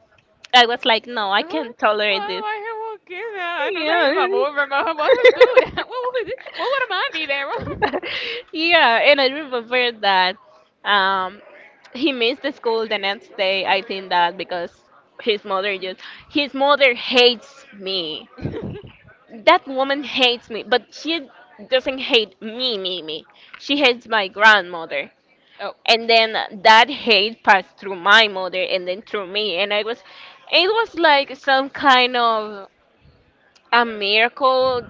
S1: I was like, no, I can't tolerate
S2: why,
S1: this.
S2: why he won't that? I know that
S1: Yeah.
S2: he's my boyfriend, but why he do that? What would he, what would a man
S1: Yeah, and I remember that um, he missed the school the next day. I think that because his mother just his mother hates me.
S2: be there?
S1: That woman hates me, but she doesn't hate me, me, me. She hates my grandmother,
S2: Oh,
S1: and then that hate passed through my mother and then through me, and I was, it was like some kind of a miracle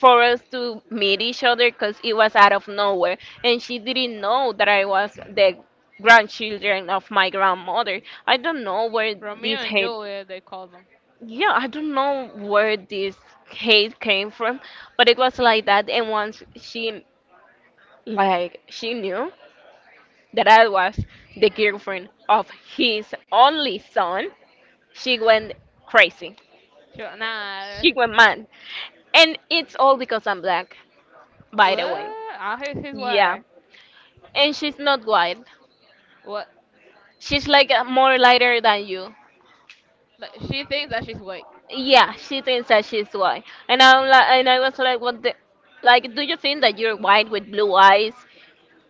S1: for us to meet each other because it was out of nowhere and she didn't know that I was the grandchildren of my grandmother. I don't know where
S2: Romeo
S1: this
S2: and
S1: hate—
S2: Juliet, they call them.
S1: yeah, I don't know where this hate came from, but it was like that. And once she, like, she knew that I was the girlfriend of his only son, she went crazy,
S2: Sure, nah,
S1: she went mad. And it's all because I'm black, by the
S2: what?
S1: way.
S2: Ah, here's his
S1: Yeah,
S2: word.
S1: and she's not white.
S2: What?
S1: She's like uh, more lighter than you.
S2: Like, she thinks that she's white.
S1: Yeah, she thinks that she's white, and I'm like, and I was like, what the, like, do you think that you're white with blue eyes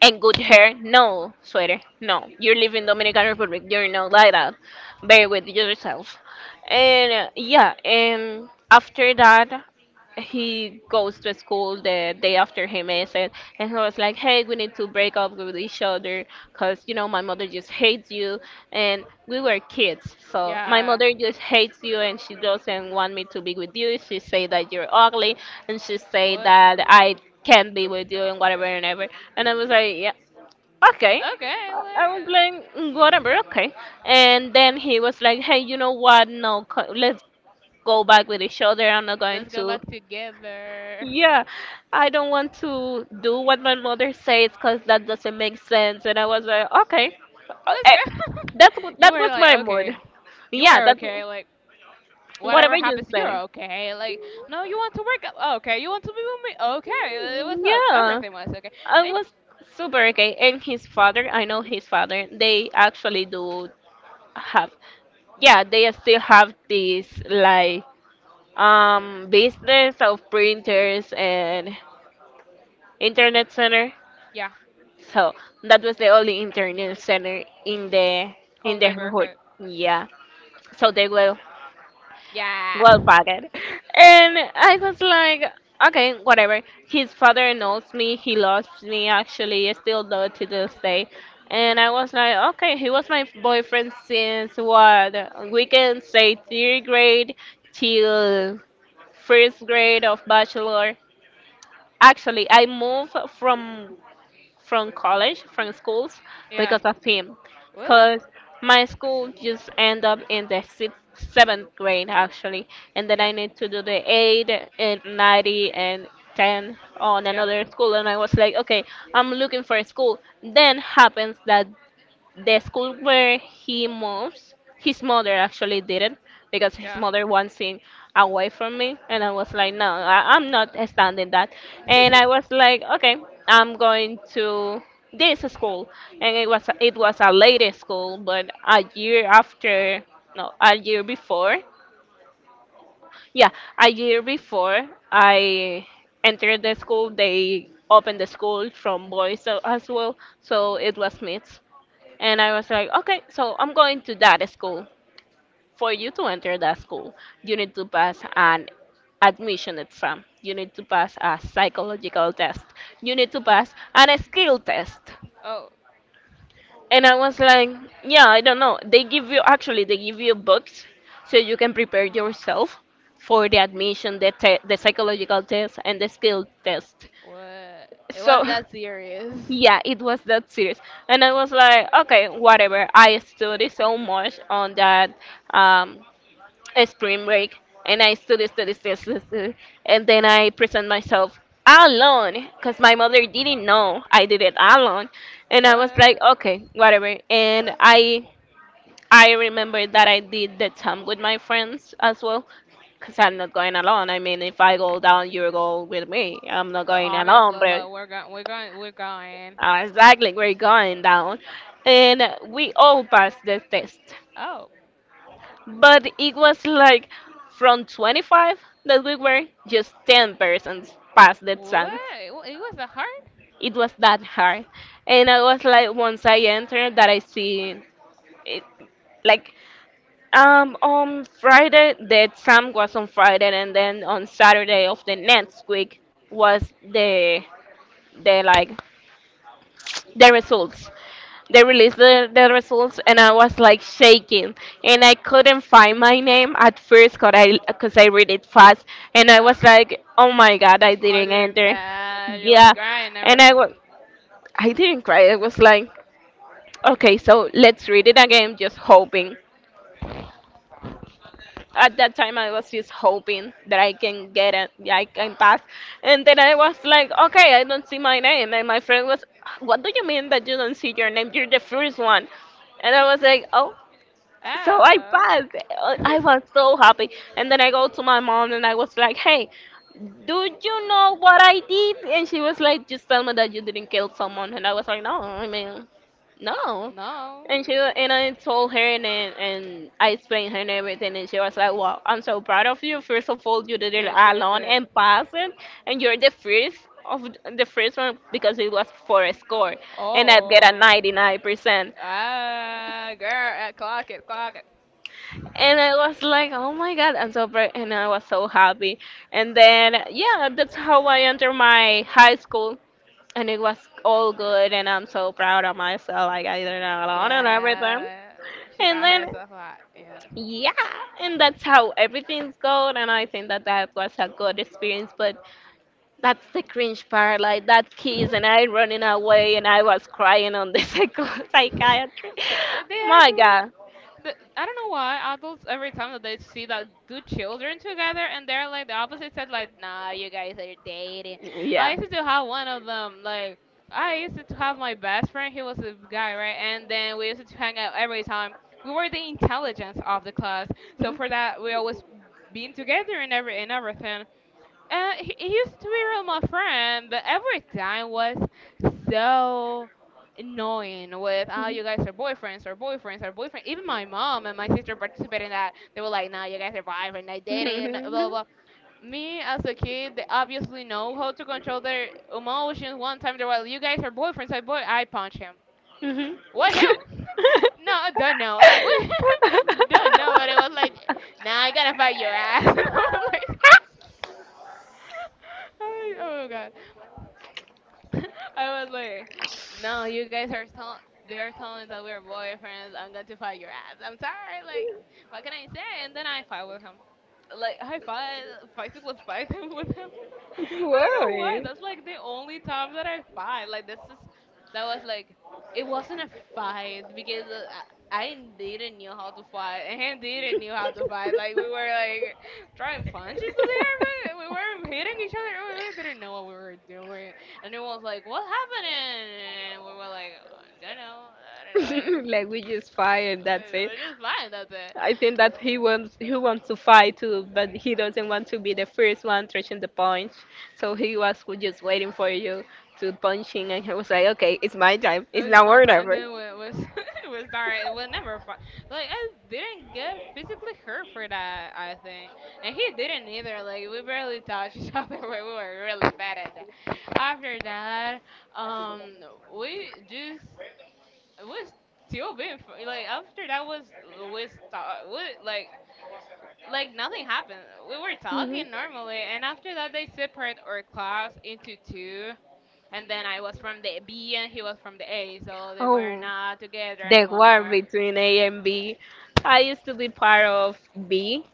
S1: and good hair? No, sweater, no. You live in Dominican Republic. You're not like that. Bear with yourself. And uh, yeah, and after that. He goes to school the day after him, is it, and he was like, hey, we need to break up with each other because you know my mother just hates you, and we were kids. So my
S2: Yeah,
S1: mother just hates you and she doesn't want me to be with you. She say that you're ugly and she say
S2: what?
S1: that I can't be with you and whatever and ever. And I was like, yeah, okay.
S2: Okay,
S1: I I was
S2: like, uh,
S1: like, "Mm, whatever, okay." And then he was like, hey, you know what, no co- let's go back with each other. I'm not going
S2: let's go back
S1: to—
S2: together.
S1: yeah, I don't want to do what my mother says because that doesn't make sense. And I was like, okay, uh,
S2: Let's
S1: eh,
S2: go.
S1: that's wh-
S2: You
S1: that
S2: were
S1: was
S2: like,
S1: my mood.
S2: okay, you
S1: Yeah,
S2: are
S1: that's
S2: okay. Like, whatever
S1: whatever you
S2: happens, you're
S1: say.
S2: okay. Like, no, you want to work? Oh, okay, you want to be with me? Okay, it was like
S1: Yeah,
S2: everything was okay.
S1: I
S2: And
S1: was super okay. And his father, I know his father, they actually do have, yeah, they still have this like um business of printers and internet center.
S2: yeah,
S1: So that was the only internet center in the— in
S2: whole
S1: the hood.
S2: neighborhood.
S1: Yeah. So they were
S2: Yeah,
S1: well packed. And I was like, okay, whatever. His father knows me, he loves me actually, still though to this day. And I was like, okay, he was my boyfriend since, what, we can say, third grade till first grade of bachelor. Actually, I moved from— from college, from schools,
S2: yeah.
S1: because of him.
S2: What?
S1: Because my school just end up in the sixth, seventh grade actually, and then I
S2: Yeah,
S1: need to do the eight and ninety and ten on
S2: yeah,
S1: another school. And I was like, okay, I'm looking for a school. Then happens that the school where he moves, his mother actually didn't, because his
S2: yeah.
S1: mother wants him away from me. And I was like, no, I, I'm not
S2: What?
S1: standing that. And I was like, okay, I'm going to this school. And it was it was a lady school, but a year after, no, a year before, yeah, a year before I entered the school, they opened the school from boys a- as well, so it was mixed. And I was like, okay, so I'm going to that school. For you to enter that school, you need to pass an admission exam, you need to pass a psychological test, you need to pass an skill test.
S2: Oh,
S1: And I was like, yeah, I don't know. They give you— actually they give you books so you can prepare yourself for the admission, the te- the psychological test and the skill test.
S2: what? It
S1: So
S2: was that serious.
S1: yeah, it was that serious. And I was like, okay, whatever. I studied so much on that um, spring break, and I studied, studied, studied, studied, studied. And then I present myself alone, because my mother didn't know, I did it alone. And I was like,
S2: What?
S1: okay, whatever. And I I remember that I did the time with my friends as well, because I'm not going alone. I mean, if I go down, you go with me. I'm not going alone,
S2: Obviously,
S1: but
S2: like we're going, we're going, we're going.
S1: uh, exactly, we're going down. And we all passed the test.
S2: Oh.
S1: But it was like, from twenty-five that we were, just ten persons passed the
S2: What?
S1: exam.
S2: Wa- It was a heart.
S1: It was that hard. And I was like, once I entered, that I see it, like— um, on Friday, the exam was on Friday, and then on Saturday of the next week was the— the like the results. They released the, the results, and I was like shaking, and I couldn't find my name at first, cause I cause I read it fast, and I
S2: Yeah.
S1: was like, oh my god, I
S2: Oh, I
S1: didn't
S2: didn't
S1: enter.
S2: pass. It
S1: Yeah,
S2: was crying and
S1: and I
S2: everything.
S1: was— I didn't cry. I was like, okay, so let's read it again, just hoping. At that time I was just hoping that I can get it, I can pass. And then I was like, okay, I don't see my name. And my friend was, what do you mean that you don't see your name? You're the first one. And I was like, oh, so I
S2: Oh.
S1: passed. Uh, I was so happy. And then I go to my mom and I was like, hey, do you know what I did? And she was like, just tell me that you didn't kill someone. And I was like, no, I mean, no.
S2: No.
S1: And she wa- and I told her, and then- and I explained her and everything, and she was like, "Wow, I'm so proud of you. First of all, you did it
S2: Good, good,
S1: alone
S2: good.
S1: and passed it, and you're the first of— the first one, because it was for a score, and I get a
S2: Oh.
S1: 99 percent."
S2: Ah, girl. Eh, clock it, clock it.
S1: And I was like, oh my god. And so bra- and I was so happy. And then yeah, that's how I entered my high school, and it was all good, and I'm so proud of myself. Like, I did it alone and everything.
S2: Yeah. She
S1: And
S2: got
S1: then
S2: herself hot in.
S1: yeah, and that's how everything's going. And I think that that was a good experience, but that's the cringe part, like that kiss, and I running away, and I was crying on the psycho- psychiatry.
S2: they, they
S1: My
S2: actually
S1: god,
S2: the, I don't know why adults every time that they see that two children together and they're like the opposite said like nah you guys are dating. I
S1: yeah.
S2: used to have one of them like I used to have my best friend, he was a guy right, and then we used to hang out every time. We were the intelligence of the class so
S1: Mhm.
S2: for that we always been together and every and everything. Uh, he, he used to be real my friend, but every time was so annoying with, oh, you guys are boyfriends, or boyfriends, or boyfriend. Even my mom and my sister participated in that. They were like, no, you guys are boyfriend, they dating, blah, blah,
S1: Mhm.
S2: blah. Me as a kid, they obviously know how to control their emotions. One time they were like, you guys are boyfriends, I boy, I punch him.
S1: Mhm.
S2: What him? No, I don't know. Like what? Don't know. But it was like, nah, I gotta fight your ass.
S1: Mhm.
S2: And I was like. I- oh god. I was like, no, you guys are tell they're telling us that we're boyfriends. I'm going to fight your ass. I'm sorry. Like, what can I say? And then I fight with him. Like, I fight, physically fight him with him. I don't know why.
S1: Why?
S2: That's like the only time that I fight. Like, this is, that was like, it wasn't a fight because uh, I, I didn't know how to fight. And he didn't know how to fight. Like, we were like throwing punches in the air, but we weren't hitting each other. We we didn't know what we were doing. And everyone was like, "What happening?" And we were like, "I don't know. I don't know. Like,
S1: Like, we just fight and that's
S2: we-
S1: it.
S2: we're just fine. That's it."
S1: I think that he wants— he wants to fight too, but he doesn't want to be the first one touching the punch. So he was just waiting for you to punch him, and he was like, "Okay, it's my time. It's
S2: "It's
S1: now
S2: my
S1: or
S2: time." And
S1: never."
S2: then we was we started. We never fight. Like I didn't get physically hurt for that. I think, and he didn't either. Like we barely touched each other. We were really bad at that. After that, um, we just we still been fr- like after that was we start we like like nothing happened. We were
S1: Mhm.
S2: talking normally, and after that they separate our class into two. And then I was from the B and he was from the A, so they were
S1: Oh.
S2: not together
S1: The war
S2: anymore.
S1: between A and B. I used to be part of B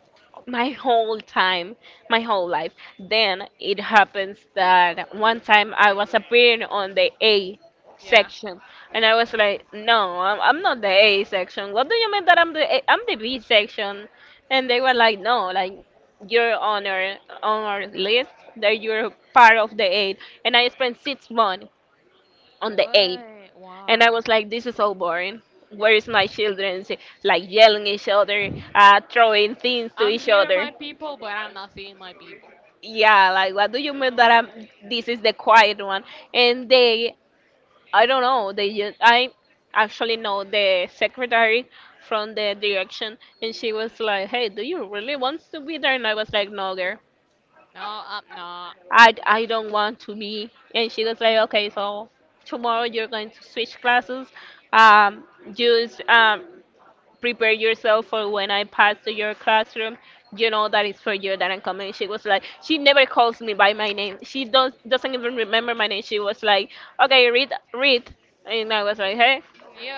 S1: my whole time, my whole life. Then it happens that one time I was appearing on the A
S2: Yeah.
S1: section, and I was like, "No, I'm, I'm not the A section. What do you mean that I'm the A? I'm the B section?" And they were like, "No, like, you're on our— on our list. That you're part of the A." And I spent six months on the A.
S2: What?
S1: And I
S2: Why?
S1: was like, this is so boring. Where is my children? She— like yelling each other, uh, throwing things to
S2: I'm
S1: each
S2: here,
S1: other.
S2: my people, but I'm not seeing my people.
S1: Yeah, like, what do you mean that I'm? This is the quiet one. And they, I don't know. They just— I actually know the secretary from the direction, and she was like, hey, do you really want to be there? And I was like, no, girl.
S2: No, I'm not.
S1: I, I don't want to be. And she was like, okay, so tomorrow you're going to switch classes. Um, use um, prepare yourself for when I pass to your classroom. You know that it's for you that I'm coming. She was like— she never calls me by my name. She don't doesn't even remember my name. She was like, okay, read, read, and I was like, hey.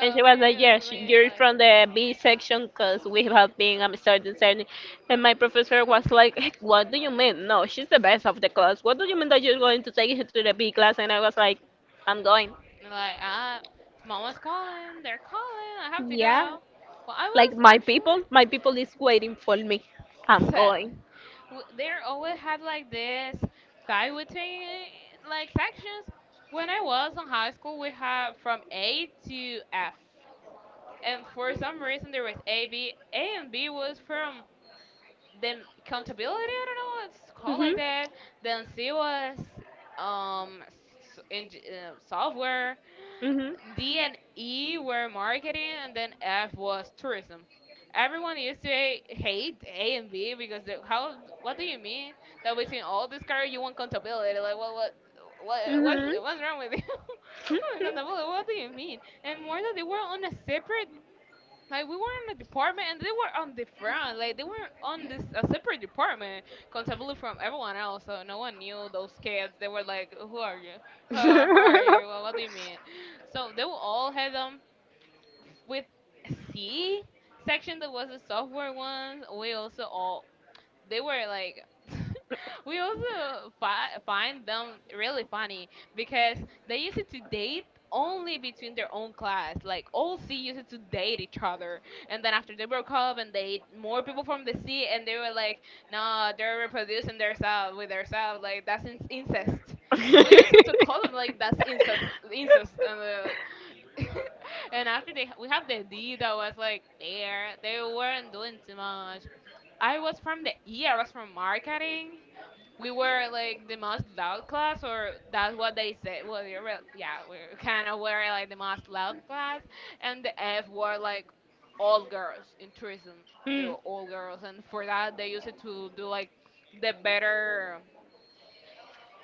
S1: And she
S2: me,
S1: was like,
S2: it's
S1: yeah, she,
S2: me.
S1: you're
S2: Like,
S1: from the B section because we have been um, starting starting. And my professor was like, "Heck, what do you mean? No, she's the best of the class. What do you mean that you're going to take her to the B class?" And I was like, I'm going.
S2: like, I, mama's calling. They're calling. I have to
S1: Yeah,
S2: go. Well, I
S1: like,
S2: was
S1: my
S2: actually
S1: people, my people is waiting for me. I'm going.
S2: excited. W- they always had like this fight between like sections. When I was in high school, we had from A to F, and for some reason there was A, B. A and B was from the m- accountability. I don't know what it's called like that. Then C was um s- in uh, software,
S1: Hmm.
S2: D and E were marketing, and then F was tourism. Everyone used to ha- hate A and B because they, how? What do you mean that between all this career you want accountability? Like what? What? What? What's,
S1: Hmm.
S2: what's wrong with you? What accountability? What do you mean? And more that they were on a separate like we were in a department and they were on the front, like they were on this a separate department, completely from everyone else. So no one knew those kids. They were like, "Who are you? Who are, who are
S1: Hmm.
S2: you? What, what do you mean?" So they were all had them with C section that was the software ones. We also all they were like we also fi- find them really funny because they used to date only between their own class, like all C used to date each other, and then after they broke up and they more people from the C and they were like, nah, they're reproducing themselves with themselves, like that's in- incest. We used to call them like that's incest incest, and they're like, and after they we have the D that was like there, they weren't doing too much. I was from the E, I was from marketing. We were like the most loud class, or that's what they said. Well, you're real, yeah, we kind of were like the most loud class, and the F were like all girls in tourism. They
S1: Hmm.
S2: were all girls, and for that they used it to do like the better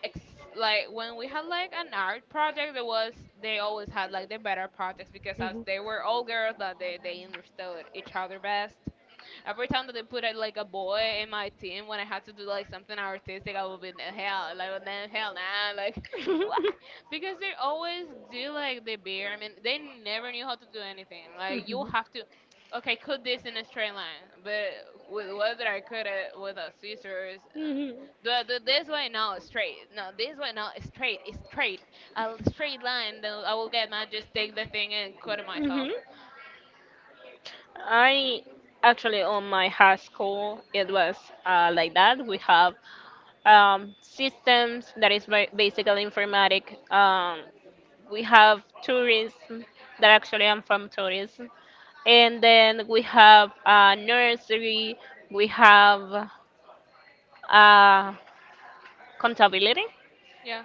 S2: ex- like when we had like an art project there was they always had like the better projects because as they were all girls that they, they understood each other best. Every time that they put a, like a boy in my team, when I had to do like something artistic, I would be in hell, like
S1: Mhm.
S2: no hell nah, like what?
S1: Mhm.
S2: Because they always do like the bare. I mean, they never knew how to do anything.
S1: Mhm.
S2: Like you
S1: Mhm.
S2: have to, okay, cut this in a straight line, but with whether I cut it with a scissors. Uh, do I do this way? No, straight. No, this way? No, straight. It's straight. A straight line. Then I will get mad. Just take the thing and cut it myself.
S1: I actually, on my high school, it was uh, like that. We have um, systems, that is ba- basically informatic. Um, we have tourism, that actually I'm from tourism, and then we have uh, nursery. We have uh, contability,
S2: Yeah.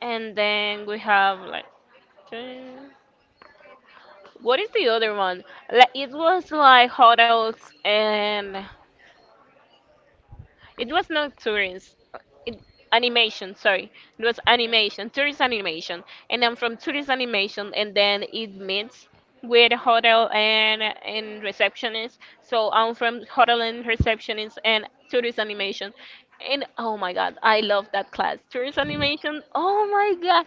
S1: and then we have like two- what is the other one? Like, it was like hotels and— it was not Turin's— it, animation, sorry. It was
S2: Yeah.
S1: animation, Turin's animation. And then from Turin's animation, and then it meets with hotel and and receptionist. So I'm from hotel and receptionist and Turin's animation. And oh my god, I love that class. Tourist animation. Oh my god.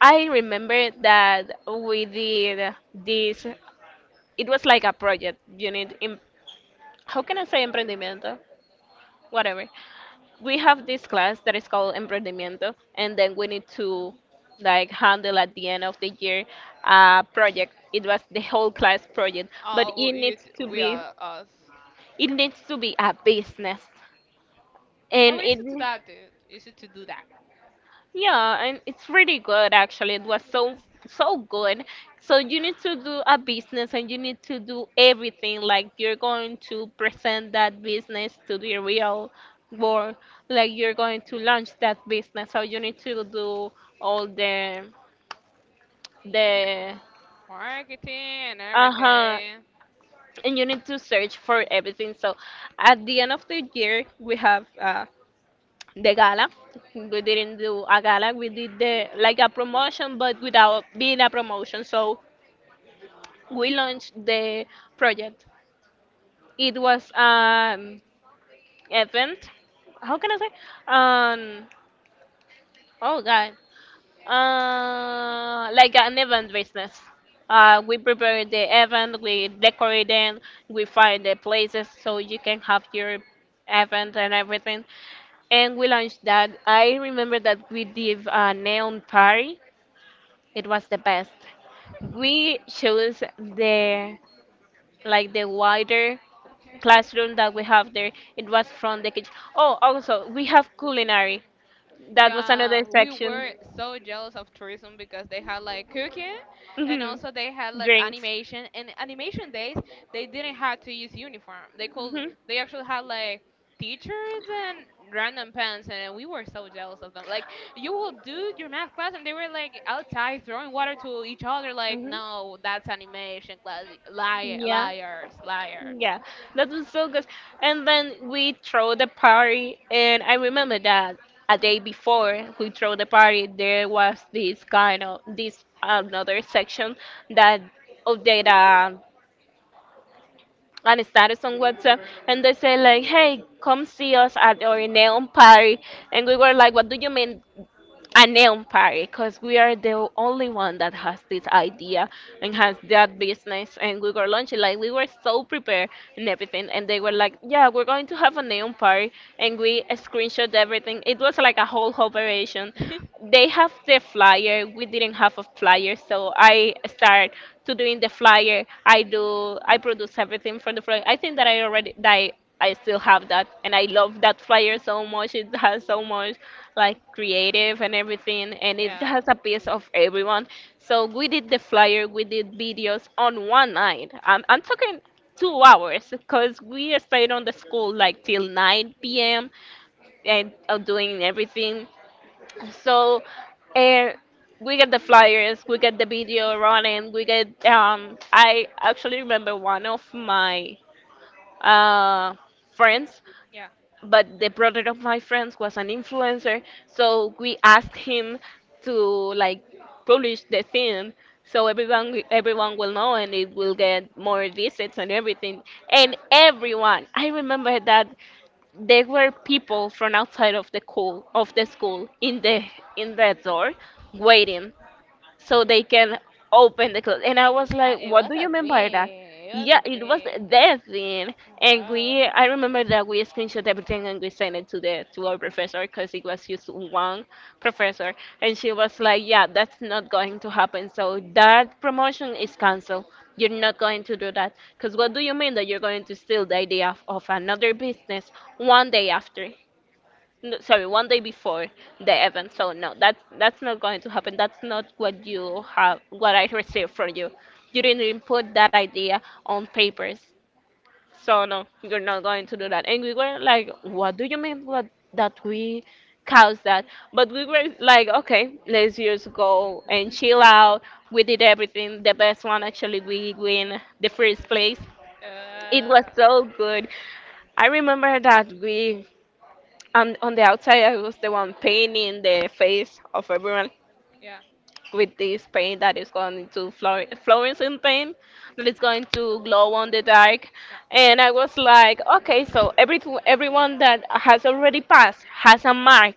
S1: I remember that we did this— it was like a project unit in, how can I say, emprendimiento? Whatever. We have this class that is called emprendimiento, and then we need to like handle at the end of the year a project. It was the whole class project, but
S2: Uh,
S1: it
S2: we,
S1: needs to
S2: we
S1: be
S2: are us.
S1: it needs to be a business and
S2: How
S1: it
S2: easy to that, dude? Easy to do that.
S1: Yeah, and it's really good actually. It was so so good. So you need to do a business and you need to do everything like you're going to present that business to the real world, like you're going to launch that business. So you need to do all the the
S2: Marketing and
S1: uh-huh,
S2: everything.
S1: and you need to search for everything. So at the end of the year we have uh, the gala. We didn't do a gala. We did the like a promotion, but without being a promotion. So we launched the project. It was an event. How can I say? Um. Oh God. Uh, like an event business. Uh,
S2: Yeah.
S1: we prepare the event, we decorate it, we find the places so you can have your event and everything, and we launched that. I remember that we did a neon party It was the best. We chose the like the wider classroom that we have there. It was from the kitchen. Oh, also we have culinary. That was another
S2: Yeah, we
S1: section.
S2: were so jealous of tourism because they had like cooking and
S1: Hmm.
S2: also they had like
S1: Drinks.
S2: animation. And animation days, they didn't have to use uniform. They could, they actually had like teachers and random pants, and we were so jealous of them. Like you will do your math class and they were like outside throwing water to each other, like
S1: Hmm. Hmm.
S2: no, that's animation class. Liar,
S1: Yeah.
S2: liars, liars.
S1: Yeah, that was so good. And then we throw the party, and I remember that a day before we throw the party, there was this kind of this another section that of data and status on WhatsApp, and they say like, "Hey, come see us at our neon party," and we were like, "What do you mean a neon party?" Because we are the only one that has this idea and has that business, and we were launching like we were so prepared and everything, and they were like, "Yeah, we're going to have a neon party," and we screenshot everything. It was like a whole operation. They have the flyer. We didn't have a flyer, so I start to doing the flyer. i do I produce everything for the flyer. I think that I already, that i, I still have that, and I love that flyer so much. It has so much like creative and everything, and it
S2: Yeah,
S1: has a piece of everyone. So we did the flyer, we did videos on one night. I'm, I'm talking two hours because we stayed on the school like till nine p.m. and uh, doing everything. So, uh, we get the flyers, we get the video running, we get. Um, I actually remember one of my uh, friends,
S2: yeah,
S1: but the brother of my friends was an influencer, so we asked him to like publish the thing so everyone everyone will know and it will get more visits and everything.
S2: yeah.
S1: And everyone, I remember that there were people from outside of the cool of the school in the in the door waiting so they can open the clothes. And I was
S2: Uh,
S1: like,
S2: it
S1: what
S2: was
S1: do
S2: a
S1: you mean by that?
S2: thing. It was
S1: Yeah,
S2: a
S1: it was
S2: thing.
S1: that thing. And
S2: Oh,
S1: we, I remember that we screenshot everything, and we sent it to the to our professor because it was just one professor. And she was like, yeah, that's not going to happen. So that promotion is canceled. You're not going to do that. Because
S2: what?
S1: what do you mean that you're going to steal the idea of, of another business one day after? No, sorry, one day before the event. So no, that's that's not going to happen. That's not what you have, what I received from you. You didn't even put that idea on papers. So no, you're not going to do that. And we were like, what do you mean? What, that we caused that? But we were like, okay, let's just go and chill out. We did everything. The best one actually, we win the first place. It was
S2: Uh,
S1: so good. I remember that we, and on the outside, I was the one painting the face of everyone
S2: yeah,
S1: with this paint that is going to fluor- fluorescent paint that is going to glow on the dark.
S2: yeah.
S1: And I was like, okay, so every everyone that has already passed has a mark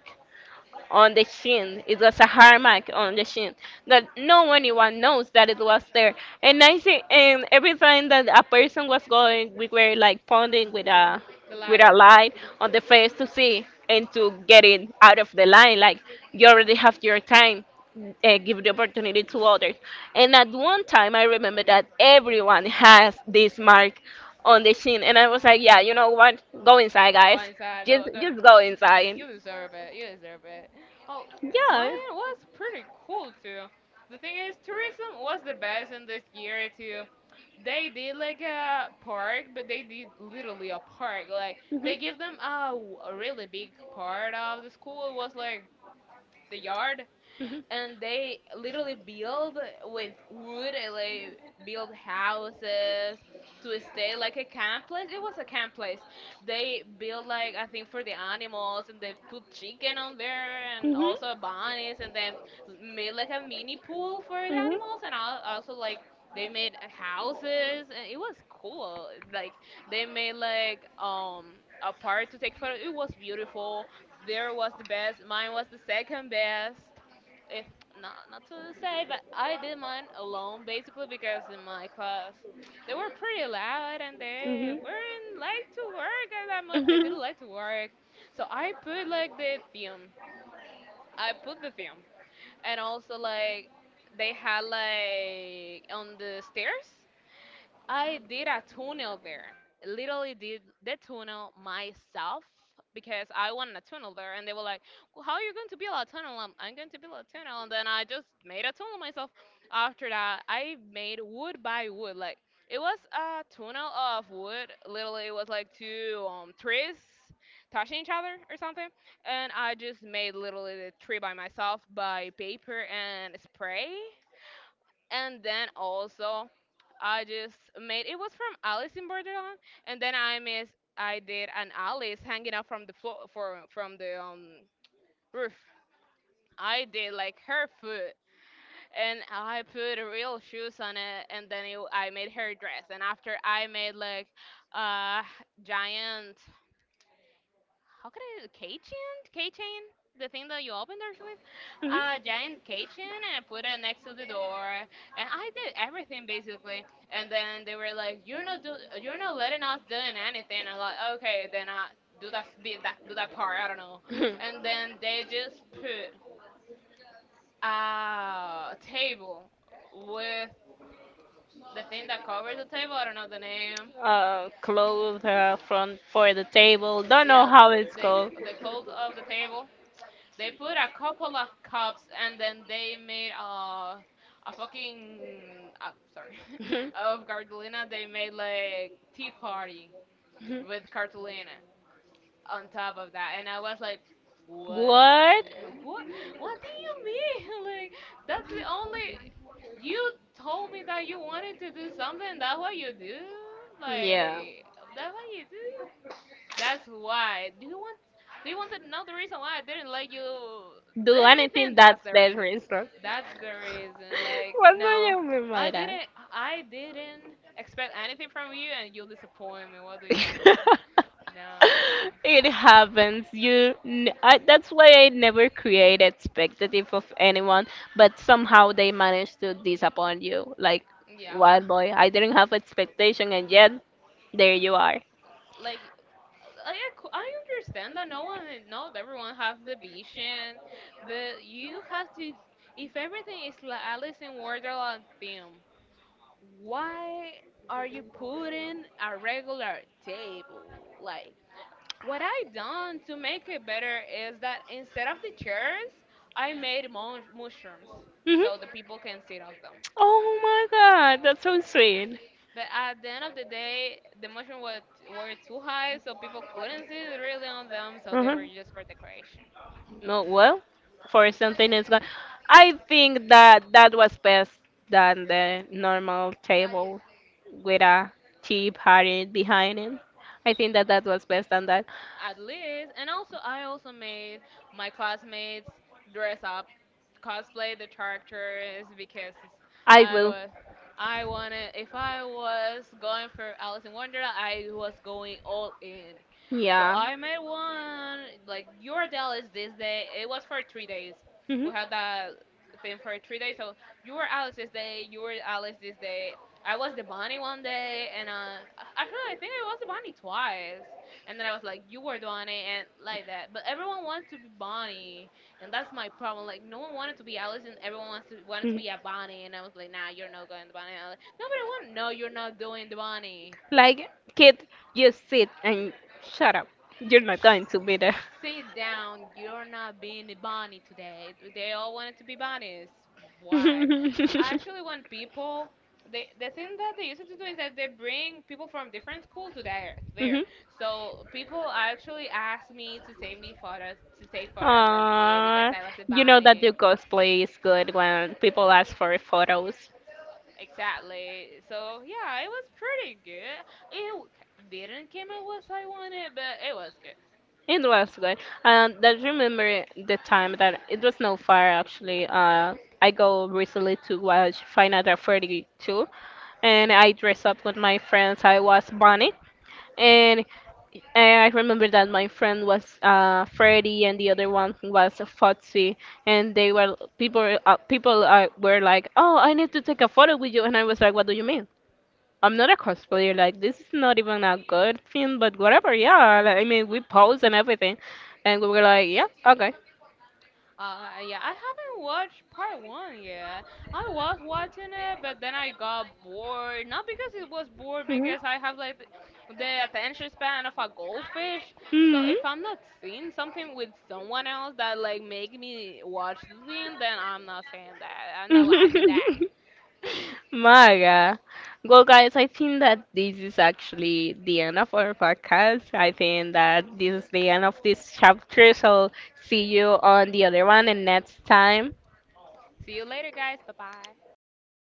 S1: on the chin. It was a hard mark on the chin that no anyone knows that it was there. And I think, and every time that a person was going, we were like pointing with a
S2: The
S1: with a
S2: light.
S1: light on the face to see and to get it out of the line. Like you already have your time. Uh, give the opportunity to others. And at one time, I remember that everyone has this mark on the chin, and I was like, "Yeah, you know what? Go inside,
S2: Go
S1: guys.
S2: inside.
S1: Just,
S2: Go, go.
S1: just go inside."
S2: You deserve it. You deserve it. Oh,
S1: Yeah.
S2: mine was pretty cool too. The thing is, tourism was the best in this year too. They did like a park, but they did literally a park. Like they give them a, w- a really big part of the school. It was like the yard,
S1: Mhm.
S2: and they literally build with wood, and they build houses to stay like a camp place. It was a camp place. They build like, I think, for the animals, and they put chicken on there and also bunnies, and then made like a mini pool for the animals, and al- also like they made uh, houses, and it was cool. Like they made like um a part to take photo. It was beautiful. There was the best. Mine was the second best if not not to say, but I did mine alone basically because in my class they were pretty loud, and they
S1: Hmm.
S2: weren't like to work that much. They
S1: Hmm.
S2: didn't like to work, so I put like the theme. I put the theme, and also like they had like on the stairs I did a tunnel there. Literally did the tunnel myself because I wanted a tunnel there, and they were like, well, "How are you going to build a tunnel?" I'm, I'm going to build a tunnel, and then I just made a tunnel myself. After that, I made wood by wood. Like it was a tunnel of wood. Literally, it was like two um, trees touching each other or something, and I just made literally the tree by myself by paper and spray, and then also I just made it was from Alice in Borderland, and then I miss I did an Alice hanging out from the floor for from the um roof. I did like her foot, and I put real shoes on it, and then it, I made her dress, and after I made like a giant, how could I, keychain? Keychain? The thing that you open doors with? A giant keychain, and I put it next to the door. And I did everything basically. And then they were like, "You're not do you're not letting us doing anything." I'm like, "Okay, then I do that s- did that do that part. I don't know." And then they just put a table with the thing that covers the table. I don't know the name.
S1: uh, clothes uh, from for the table. Don't know
S2: Yeah,
S1: how it's
S2: they
S1: called.
S2: c- the clothes
S1: The
S2: of the table. They put a couple of cups and then they made a a fucking uh, sorry,
S1: Mhm.
S2: of cartolina. They made like tea party with cartolina on top of that, and I was like, what?
S1: What?
S2: What? What do you mean? Like that's the only, you told me that you wanted to do something. That's what you do. Like that's what you do. That's why. Do you want do you want to know the reason why I didn't let you did
S1: Do anything,
S2: anything? That's
S1: that's
S2: the
S1: the
S2: reason.
S1: reason.
S2: That's the reason. Like
S1: What do
S2: no,
S1: you mean
S2: I
S1: by that?
S2: didn't I didn't expect anything from you, and you disappoint me. What do you mean? No.
S1: It happens. You, n- I, that's why I never create expectative of anyone, but somehow they manage to disappoint you. Like,
S2: Yeah.
S1: wild boy, I didn't have expectation, and yet there you are.
S2: Like I ac- I understand that no one not everyone has the vision, but you have to. If everything is like Alice in Wonderland theme, why are you putting a regular table? Like, what I done to make it better is that instead of the chairs, I made mush- mushrooms
S1: Hmm.
S2: so the people can sit off them.
S1: Oh my God, that's so sweet.
S2: But at the end of the day, the mushroom was were too high, so people couldn't sit really on them, so they were
S1: Hmm.
S2: just for decoration.
S1: No, well, for something it's going. I think that that was best than the normal table with a cheap party behind it. I think that that was best than that.
S2: At least, and also I also made my classmates dress up, cosplay the characters, because
S1: I
S2: i
S1: will.
S2: was i wanted, if I was going for Alice in Wonderland, I was going all in. So
S1: Yeah.
S2: I made one, like, your Alice this day. It was for three days.
S1: Hmm.
S2: We had that thing for three days, so you were Alice this day, you were Alice this day. I was the bunny one day, and uh actually I think I was the bunny twice. And then I was like, you were doing it and like that. But everyone wanted to be Bonnie, and that's my problem. Like no one wanted to be Alice, and everyone wants to, wanted to be a Bonnie. And I was like, nah, you're not going to Bonnie. And I was like, no, but I want. No, you're not doing the
S1: Mhm.
S2: Bonnie.
S1: Like, kid, you sit and shut up. You're not
S2: Sh-
S1: going to be there.
S2: sit down. You're not being Bonnie today. They all wanted to be Bonnies. Why? I actually want people. They, the thing that they used to do is that they bring people from different schools to there, to there.
S1: Mhm.
S2: So people actually asked me to take me photos, to take photos with me because
S1: Aw,
S2: I was a
S1: you know that your
S2: bunny.
S1: cosplay is good when people ask for photos.
S2: Exactly. So yeah, it was pretty good. It w- didn't come out what I wanted, but it was good.
S1: It was good. And I remember the time that it was not far actually. Uh, I go recently to watch Final Fantasy Two, and I dress up with my friends. I was Bonnie, and I remember that my friend was uh, Freddy, and the other one was Foxy, and they were people. Uh, people uh, were like, "Oh, I need to take a photo with you," and I was like, "What do you mean?" I'm not a cosplayer. Like this is not even a good thing, but whatever. Yeah, like, I mean, we pose and everything, and we were like, yeah, okay.
S2: Uh, yeah, I haven't watched part one yet. I was watching it, but then I got bored. Not because it was bored,
S1: Mhm.
S2: because I have like the, the attention span of a goldfish. So if I'm not seeing something with someone else that like make me watch the thing, then I'm not saying that. I'm not
S1: Mhm.
S2: watching that.
S1: Maga. Well, guys, I think that this is actually the end of our podcast. I think that this is the end of this chapter. So, see you on the other one and next time.
S2: See you later, guys. Bye bye.
S1: Bye bye.